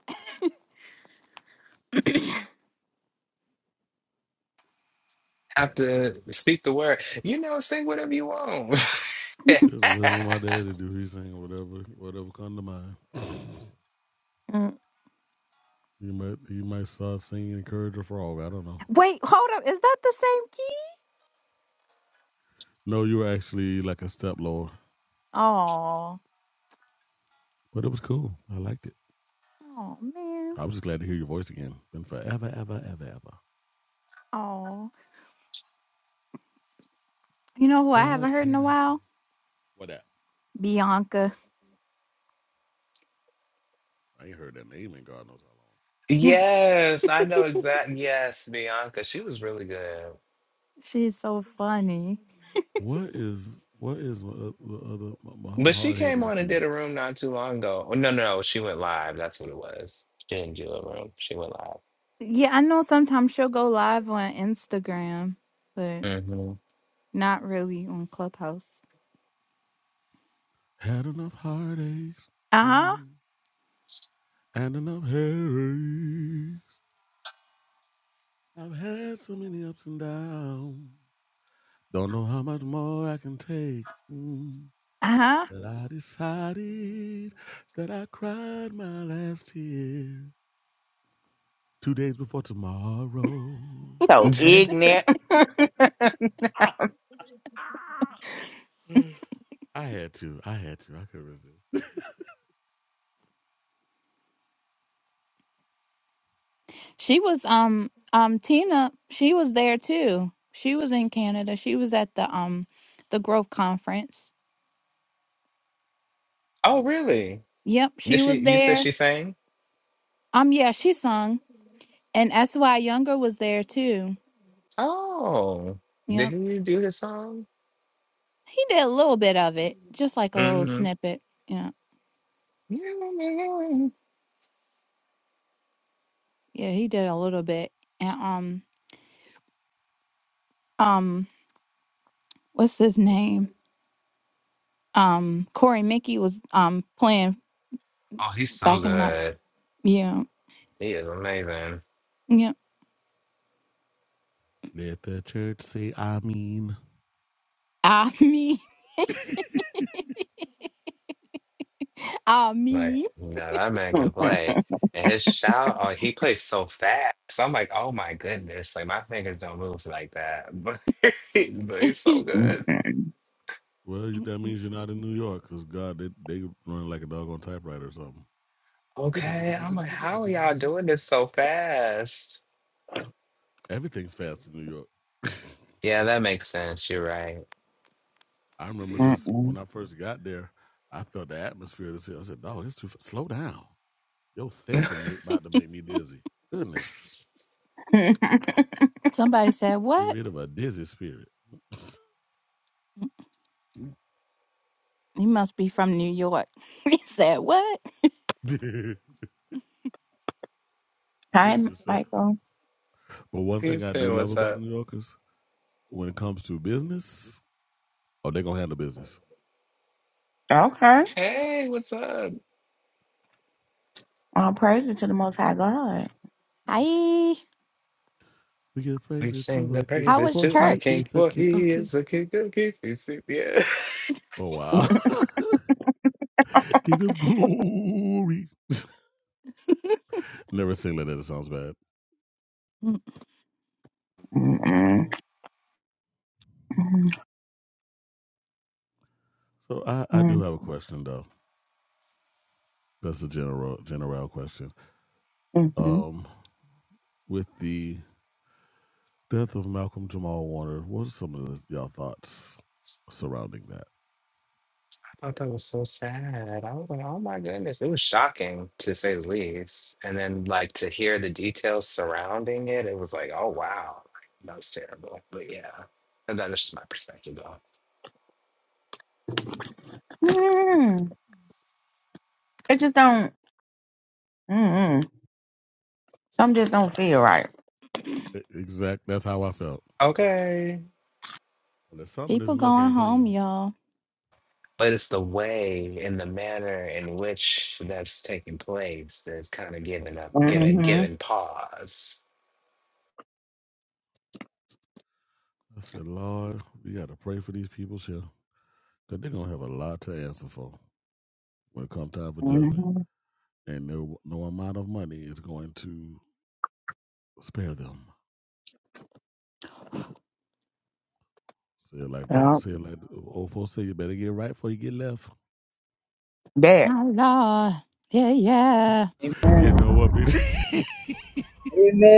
Have to speak the word. You know, sing whatever you want. This is this is what my daddy do. He sing whatever whatever come to mind. Mm. You might you might start singing encourage a frog. I don't know. Wait, hold up. Is that the same key? No, you were actually like a step lower, Oh, but it was cool. I liked it. oh man. I was just glad to hear your voice again. Been forever, ever, ever, ever. Oh, you know who I haven't What heard in a can I say? while? What that? Bianca. I ain't heard that name in God knows how Yes, I know exactly. Yes, Bianca, she was really good. She's so funny. long. What is what is my, uh, the other my, my, my But she hardhead came on and nephew? did a room not too long ago. Oh, no, no, no, she went live. That's what it was. She didn't do a room. She went Yeah, I know sometimes she'll go live on Instagram, but live. not really on Clubhouse. Had enough heartaches Uh huh. mm, and enough headaches. I've had so many ups and downs. Don't know how much more I can take. Mm, Uh but I decided that I cried my last tear two days before tomorrow. huh. so hmm ignorant. Ah, ah. I had to. I had to. I couldn't resist. She was um um Tina. She was there too. She was in Canada. She was at the um the Growth Conference. Oh, really? Yep, Did she she? was You said there. she sang? Um, yeah, she sung, and S.Y. Younger was there too. Oh, did Yep, he do his song? he did a little bit of it, just like a little hmm snippet. Yeah, yeah, he did a little bit. And um, um, what's his name? Um, Corey Mickey was um playing Oh, he's so backing him up. good. Yeah, He is amazing. yeah. Let the church say, I mean. Ah me, ah Like, me. no, that man can play. And his shout, oh, he plays so fast. I'm like, oh my goodness. Like, my fingers don't move like that. But, but he's so good. Well, you- that means you're not in New York, because God, they, they run like a dog on typewriter or something. Okay. I'm like, how are y'all doing this so fast? Everything's fast in New York. Yeah, that makes sense. You're right. I remember this when I first got there. I felt the atmosphere. This I said, "Dog, it's too fa- slow down. Your thinking ma- about to make me dizzy. Goodness, Somebody said get what? rid of a dizzy spirit. He must be from New York. he said what? it's Hi, just fast. Michael. But one See you thing I do soon. love What's about up? New Yorkers, when it comes to business, oh, they gonna handle business. Okay. Hey, what's up? All praise to the Most High God. Hi. We give We praises sing to our the king, How praises was for to our he church? king, is the for king of he is kings. the king of kings. We sing- Yeah. Oh wow! give him glory. Never sing like that. It sounds bad. Mm, Mm-mm. So I, I do have a question though. That's a general general question. Mm-mm. Um, with the death of Malcolm Jamal Warner, what are some of the, y'all thoughts surrounding that? thought that was so sad. I was like, oh my goodness. It was shocking to say the least. And then like to hear the details surrounding it, it was like, oh wow. That was terrible. But yeah. And that is just my perspective though. Mm. It just don't. Mm-mm. Some just don't feel right. E- Exact. That's how I felt. Okay. Well, there's something in this People milk going ain't home, clean. y'all. But it's the way and the manner in which that's taking place that's kind of giving up giving hmm giving pause. I said, Lord, we got to pray for these people's here because they're going to have a lot to answer for when it comes time for judgment. hmm And no, no amount of money is going to spare them. Say it like the Yeah. say it like the old folks say, you better get right before you get left. That. My Lord. Yeah, yeah. You Amen. know what, Peter?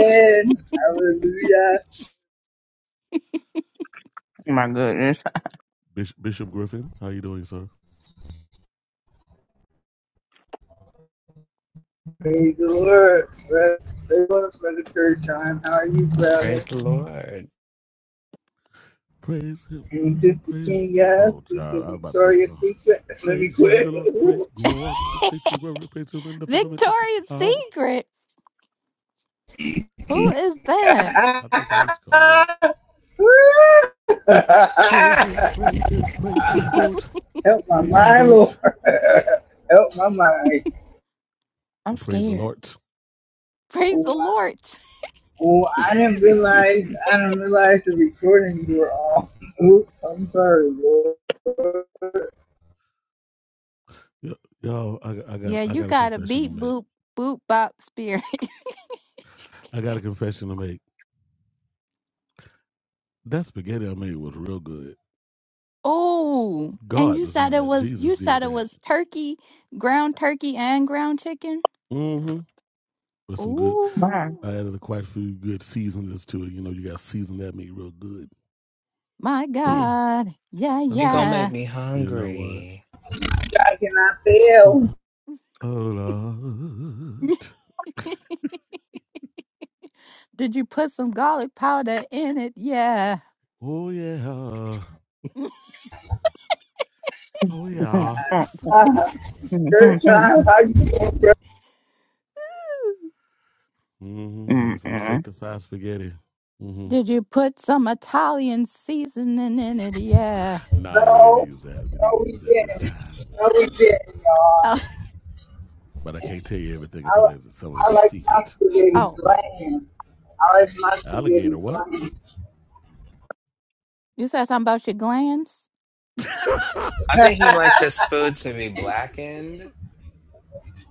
I can't with you. My goodness. Bishop, Bishop Griffin, how you doing, sir? Praise the Lord. Brother, Lord, church, Churchon, how are you, brother? Praise the Lord. Praise him. And Sister Praise. Kenya, Oh, Sister God, I was about to mess Victoria this up. Secret. Let me Praise ye the quit. Lord. Praise God in the sanctuary. Praise him in the firmament of his Victoria's power. Secret. Who is that? I think I used to call you that. Praise him, praise him, praise ye the Lord, Help my praise ye the mind, Lord, Lord. Help my mind. I'm praise the scared. Lord. Praise the Oh, I Lord. oh, I didn't realize, I didn't realize the recording you were on. Oops, I'm sorry, Lord. yo, I, got- I got, Yeah, I you got a got a confession to beat make. boop boop bop spirit. I got a confession to make. That spaghetti I made was real good. Oh, and God you was said in it that. was Jesus you did said it that. was turkey, ground turkey and ground chicken. Mm-hmm. With some good, Why? I Oh added quite a few good seasonings to it. You know, you got to season that meat real good. my God. Yeah, I It' gonna said, make yeah. me you know what? hungry. I cannot Uh, fail. Oh Lord, Did you put some garlic powder in it? Yeah. oh yeah, oh yeah. Uh, Mm-mm. church, how how you doing? girl? Mm-hmm. Had mmm, some mm sanctified spaghetti. Mm-hmm. Did you put some Italian seasoning in it? Yeah. No, we didn't No, use that. We didn't no, we use that this didn't. time. We No, didn't we use it. didn't, y'all. Oh, But I can't tell you everything. I I, put it, some of I it's a like my secret. spaghetti oh bland. I like my spaghetti Alligator, what? bland. you said something about your glands? I think he likes his food to be blackened.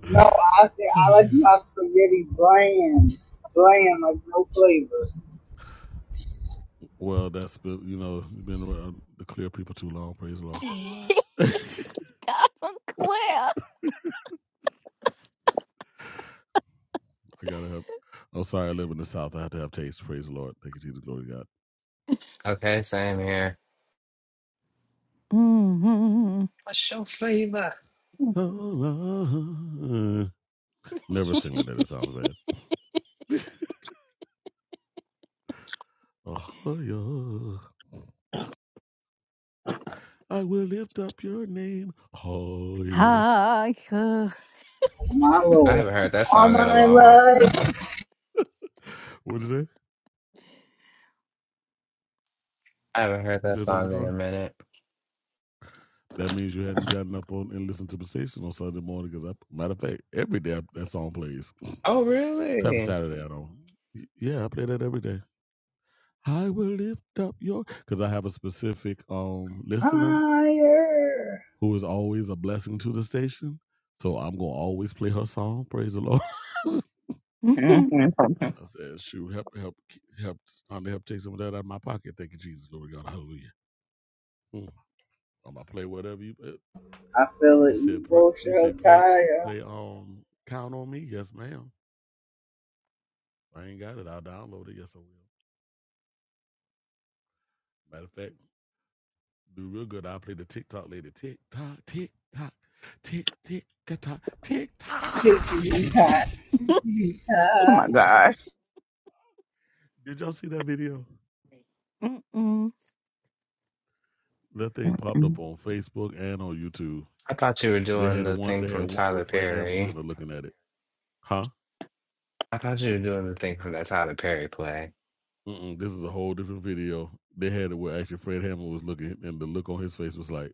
no, I said Oh I like Jesus. my spaghetti bland. Bland, like no flavor. Well, that's been you know you've been around the clear people too long. Praise the Lord. he I got them clear. gotta have. I'm sorry. I live in the South. I have to have taste. Praise the Lord. Thank you, Jesus. Glory to Okay, same here. Mm-hmm. What's your flavor? God. Oh, Never sing like that. It sounds bad. Oh, yeah. I will lift up your name higher. Hi. uh, My I lord. haven't heard that All song in a my long while. life, What did you say? I haven't heard You that said something, song in a Control? minute. That means you hadn't gotten up on and listened to the station on Sunday morning because, I, matter of fact, every day I- that song plays. Oh, Except for really? Saturday, I don't. Y- Yeah, I play that every day. I will lift up your. Because I have a specific um listener higher. who is always a blessing to the station. So I'm going to always play her song. Praise the Lord. I said, shoot, help, help, help, time to help take some of that out of my pocket. Thank you, Jesus. Lord God. Hallelujah. Mm. I'm going to play whatever you. uh, I feel You an said pre- evil you shell said play tire. play um count on me. Yes, ma'am. If I ain't got it. I'll download it. Yes, I will. Matter of fact, do real good. I'll play the TikTok lady. Tick tock, tick tock, tick tick ka tock, tick tock. Ticky-tack, ticky Oh my gosh. Did y'all see that video? Mm-mm. That thing popped up Mm. on Facebook and on YouTube. I thought you were They doing had the the one. thing They had from one Tyler with Fred Hammond Perry. sitting there looking at it. Huh? I thought you were doing the thing from that Tyler Perry play. Mm-mm, this is a whole different video. They had it where actually Fred Hammond was looking, and the look on his face was like,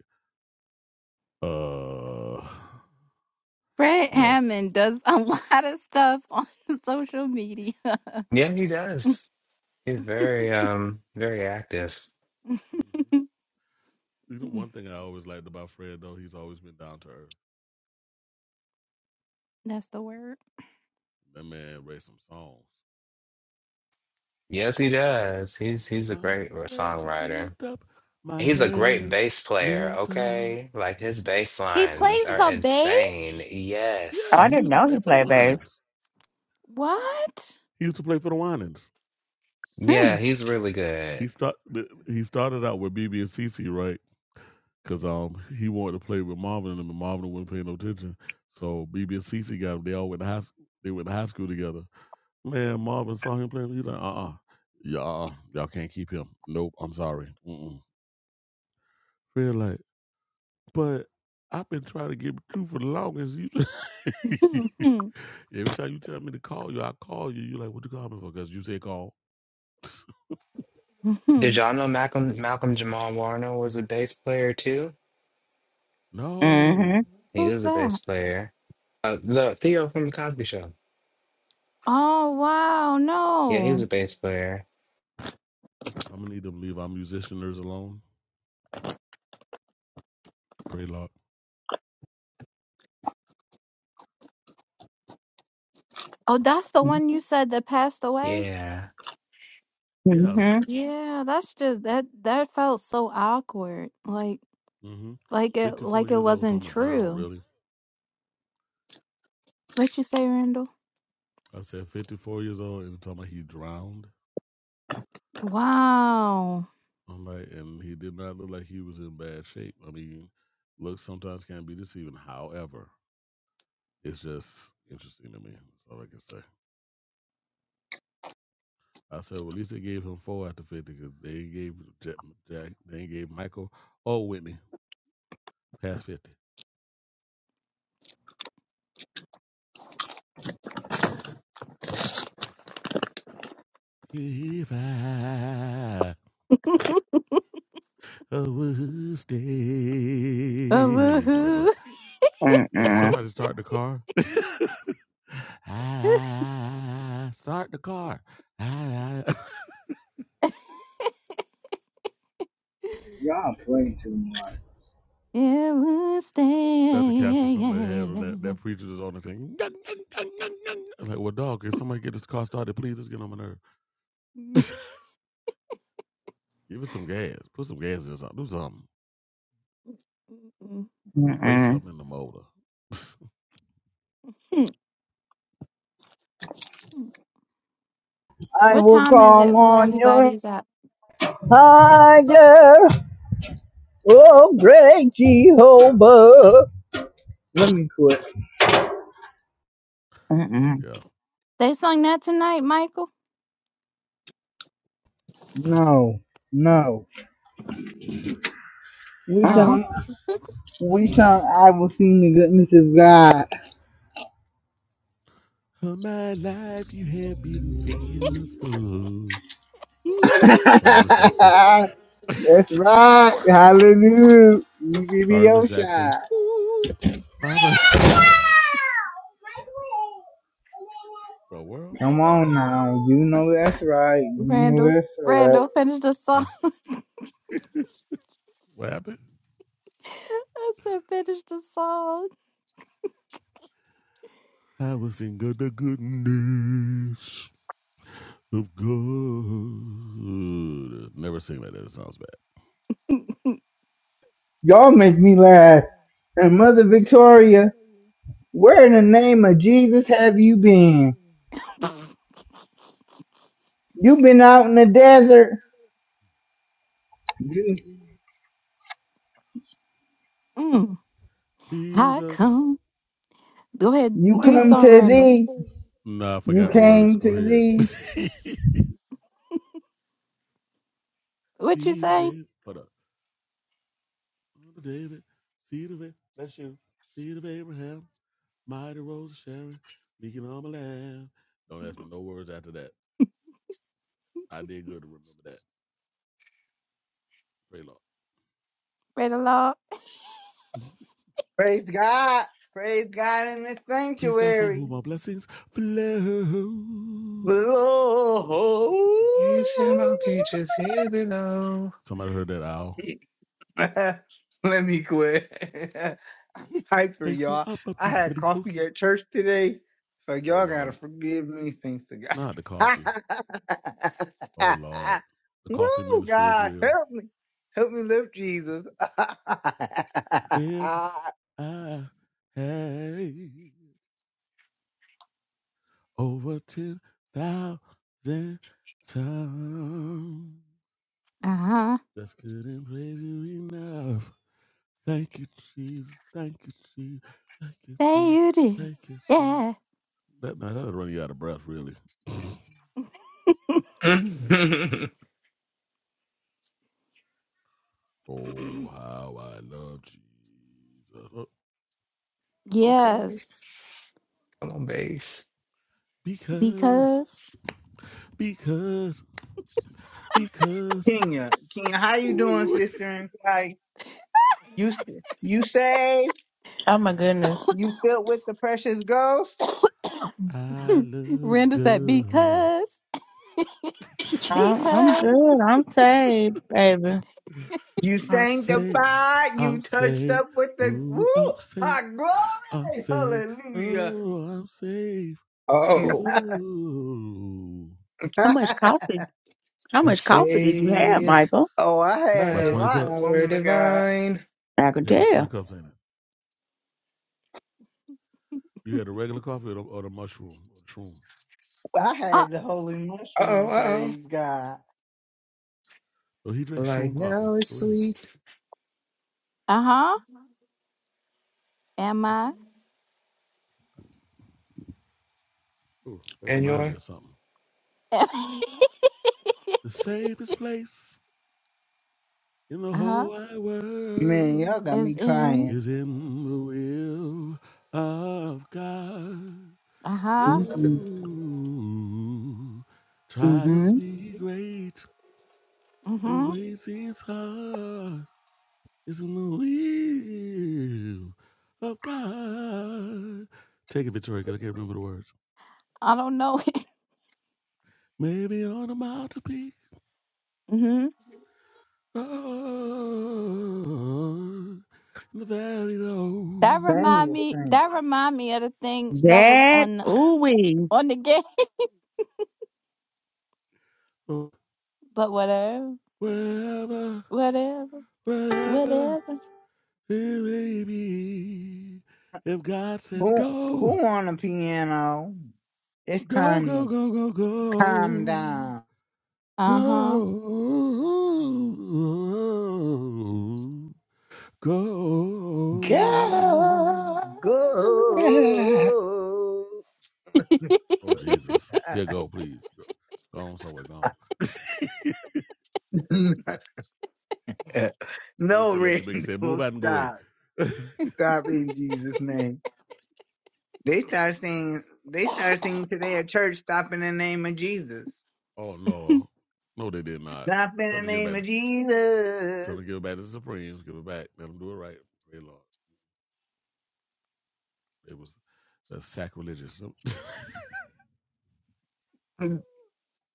uh, Fred no. Hammond does a lot of stuff on social media. Yeah, he does. He's very um very active. Mhm. You know, one thing I always liked about Fred, though, he's always been down to earth. That's the word. That man wrote some songs. Yes, he does. I He's he's a will find great r- a way to songwriter. lift up my He's a great hands, bass player, lift up. okay? Like his bass He lines plays Yes, are the Lord. bass? insane. Oh, Yes. Yeah, I he didn't used to know he play for the played bass. Winans. What? He used to play for the Winans. Yeah, Mm. he's really He good. start th- he started out with BB and CC, right? Because um he wanted to play with Marvin and him, and Marvin would not pay no attention. So BB and CC got him. They all went to high s- they went to high school together. Man, Marvin saw him playing. He's like, uh uh yeah, uh, y'all can't keep him. Nope, I'm sorry. Mm-mm. Feel like, but I've been trying to get recruit for the longest. You, every time you tell me to call you, I call you. you like, what you call me for? Because you say call. Did y'all know Malcolm Malcolm Jamal Warner was a bass player too? no. Mm-hmm. He Who's was a bass that? player. Uh, the Theo from the Cosby Show. Oh, wow. Yeah, he was No. a bass player. I'm gonna need them leave our musicianers alone. Pray Lord. Oh, that's the one you said that passed away? Yeah. Yeah. Mm-hmm. Yeah, that's just that that felt so awkward. Like mm hmm like it Fifty four like it years old wasn't talking about drowned, true. really. What you say, Randall? I said fifty four years old and talking about he drowned. Wow. I'm like and he did not look like he was in bad shape. I mean, look sometimes can be deceiving. However, it's just interesting to me. That's all I can say. I said, well, at least they gave him four out of fifty because they gave Jack, Jack, they gave Michael or Whitney past fifty. If I a oh, Wednesday. Never. woohoo. Did Mm-mm. somebody start the car? I start the car. I, Y'all playing too much. it will Not to capture somebody had on that. That stay. preacher was on the thing. Gung, gung, gung, gung, gung. I'm Like, well, dog, can somebody get this car started, please? Let's get on my nerve. Give it some gas. Put some gas in something. Do something. Spray Mm-mm. something in the motor. I what will time is call it where on your everybody's at? higher, oh great Jehovah. Let me quit. Mm-mm. yeah. They sung that tonight, Michael? No, no. We Mm. Oh. sung, we sung, I will sing the goodness of God. For my life, you have been fearful. Ooh, sorry, Miss Jackson. That's right. Hallelujah. You give me Sorry, your Miss Jackson. shot. Ooh, I'm a the world. Come on now. You know that's right. You know Randall, that's right. Randall, finish the Huh? song. What happened? I said, finish the song. I will sing of the goodness of God. Never sing like that. It sounds bad. Y'all make me laugh. And Mother Victoria, where in the name of Jesus have you been? You been out in the desert. You, mm. He's How a. come? Go ahead, you do your come song, to Randall. thee. Nah, I You forgot the words. came Go to ahead. thee. What you See the say, day. Hold up. Son of David, seed of Abraham, bless you, seed of Abraham, mighty rose of Sharon, beacon on the land. Don't ask me no words after that. I did good to remember that. Pray, Lord. Randall? Law? Praise God. Praise God in the Praise God from sanctuary. whom all blessings flow. You see my Lord. pictures here below. Somebody heard that owl? Let me quit. I'm hyper, Praise him y'all. up of I the had heavenly coffee host. at church today, so Oh, y'all Lord. gotta forgive me. Thanks to Not the God. coffee. Oh, Lord. The coffee Woo, ministry is God, real. help me. Help me lift Jesus. If I had Over 10,000 times. Uh huh. Just couldn't praise you enough. Thank you, Jesus. Thank you, Jesus. Thank you, Say Jesus. you did. Thank you, Jesus. That, now that'll run you out of breath, really. oh, Yeah. okay, how I love Jesus. Oh, come yes, on, bass. Because, because. because, because, Kenya, Kenya, how you doing, ooh, sister in Christ? You, you saved? Oh my goodness. You filled with the precious ghost? I love Randall said, God. because. I, I'm because. good. I'm saved, baby. You I'm saved. sanctified, I'm you touched saved. up with the woo, Ooh, I'm saved. high I'm glory, saved. hallelujah. Oh, I'm saved. Oh, Ooh. How much coffee? How I'm much coffee did you have, saved Michael? oh, I by had About a His 20 lot, cups. power woman of God. divine. I could Yeah, about 20 tell. cups, ain't it? You had the regular coffee or the, or the mushroom or the shroom. I had the holy Oh, mushroom, oh, praise God. Oh, he oh. drinks Life shroom coffee. now is For real. sweet, Uh huh. Am I? Ooh, that and reminded me your of something. The safest place in the uh huh. whole wide Man, y'all world got me Is in. crying. is in the will of God. Uh huh. Mm-hmm. Though hmm trials be great Mm and the hmm. way seems hard, it's in the will of God. Take it, Victoria, 'cause I can't remember the words. I don't know. Maybe on a mountain peak, mm hmm. oh, in the valley That low, Sing remind this me. thing. That remind me of the thing that was That on the- ooh wee. on the game. oh, But whatever. wherever, Whatever. wherever Whatever. it may be. If God says Who go, who on the piano? It's Go, time go, to go, go, calm go. down. Uh huh. Go. Go. God. Go. Oh, Jesus. Yeah, go, please. Go, go on somewhere. Go on. Oh, no, say let Randall, Jamaica say, move out and go away. stop. Stop in Jesus' name. They start singing. They start singing today at church. Stop in the name of Jesus. oh, no. No, they did not. Stop in Tell them the to give it name back. of Jesus. tell them to give it back to the Supremes. Give it back. Let them do it right. Pray, Lord. It was that's sacrilegious.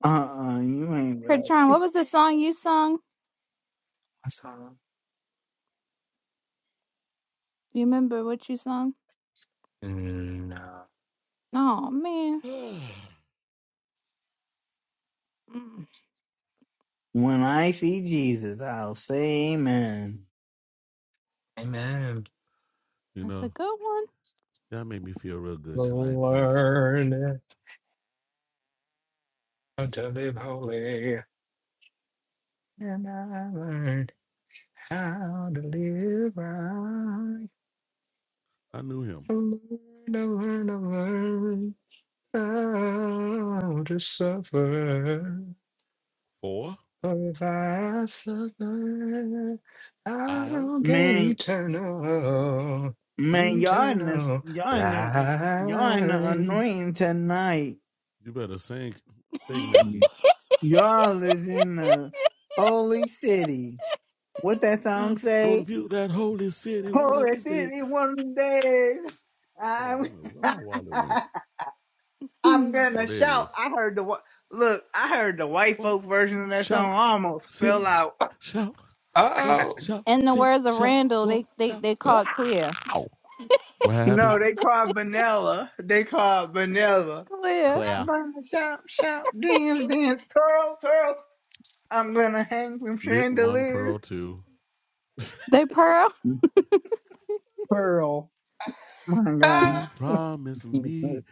Uh uh you ain't right. Patron, what was the song you sung? That's all. You remember what you sung? Mm, No. Oh man, you Mm, When I see Jesus, I'll say Amen. Amen. that's a know? good That made me feel real good tonight. Praise the Lord. Learn how to live holy. And I learned how to live right. I knew him. I learned, I learned, I learned how to suffer. Four, For if I suffer, aisle. I'll gain Man, eternal, man, y'all in the eternal y'all in the uh, y'all in the life. anointing tonight. You better sing, sing, Mackie. Y'all is in the holy city. What that song I'm gonna say? view that holy city one of Holy these days. city, one of them days. Hold on, I wait a minute. Where my wallet went? one. I'm Oh, gonna there it shout. is. I heard the wh- look. I heard the white Walk, folk version of that shout, song. I almost fell sing, out. shout, walk, Oh, shout, In the sing, words of shout, Randall, walk, they they shout. they call it clear. Ow! What happened? No, they call it vanilla. They call it vanilla. Clear. I'm Claire. gonna shout, shout, dance, dance, twirl, twirl. I'm gonna hang from Knit one, chandeliers. pearl two. They pearl. Pearl. My ah! he God. promised me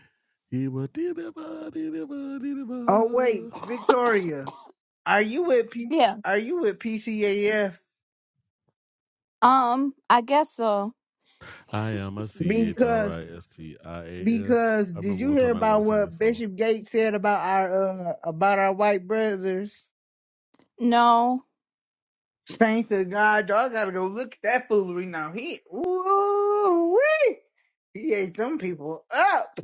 he would deliver, deliver, oh wait, deliver. Victoria, are you with P- Yeah. Are you with PCAF? Um, I guess so. I am a C H R Because. I S T I A N. Because I did remember you one hear time I wanted about to sing that what song. Bishop Gates said about our uh, about our white brothers? no, Saints of God, y'all gotta go look at that foolery now. He ooh wee, he ate them people up.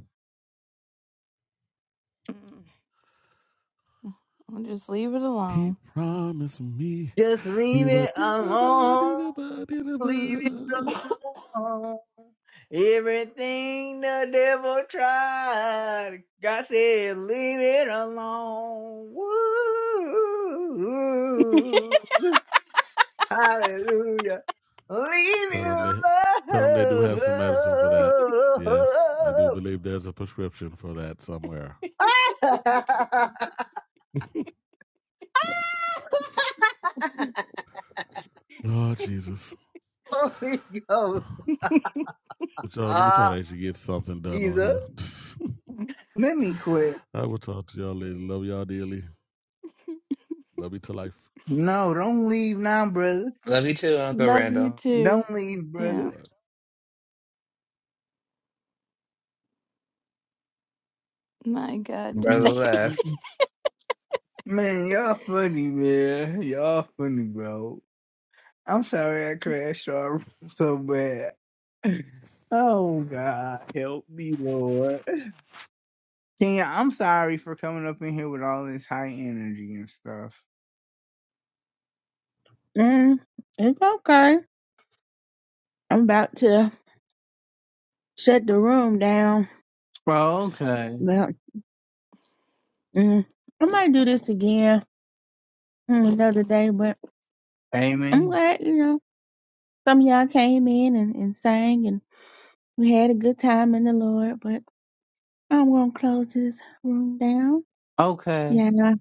Mm, I'll just leave it He alone. promised me Just he leave it would deliver, alone. deliver, Leave it deliver. alone. Everything the devil tried, God said, leave it alone. Woo. Hallelujah. Leave Tell me them they, tell them they do alone. have some medicine for that. Yes, I do believe there's a prescription for that somewhere. Ah! Lord Jesus. Holy Ghost. But y'all, let me try Ah, to actually get something done on Jesus. here. Let me quit. I will talk to y'all later. Love y'all dearly. Love you to life. No, don't leave now, brother. love you too, Uncle Love you Randall. too. Don't leave, Bye brother. Yeah. bye. My God, Brother today. left. Man, y'all funny, man. Y'all funny, bro. I'm sorry I crashed off so bad. Oh, God. Help me, Lord. Kenya, I'm sorry for coming up in here with all this high energy and stuff. Mm, it's okay. I'm about to shut the room down. Well, okay. Well, mm, I might do this again mm, another day, but I'm Amen. glad you know some of y'all came in and, and sang and we had a good time in the Lord. But I'm gonna close this room down. Okay. Y'all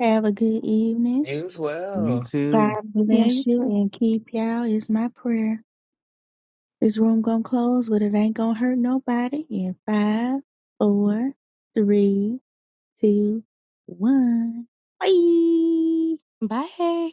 have a good evening. He was You well. too. God yeah, bless you you too. and keep y'all is my prayer. This room gonna close, but it ain't gonna hurt nobody. In five, four, three, two, one. Bye. Bye.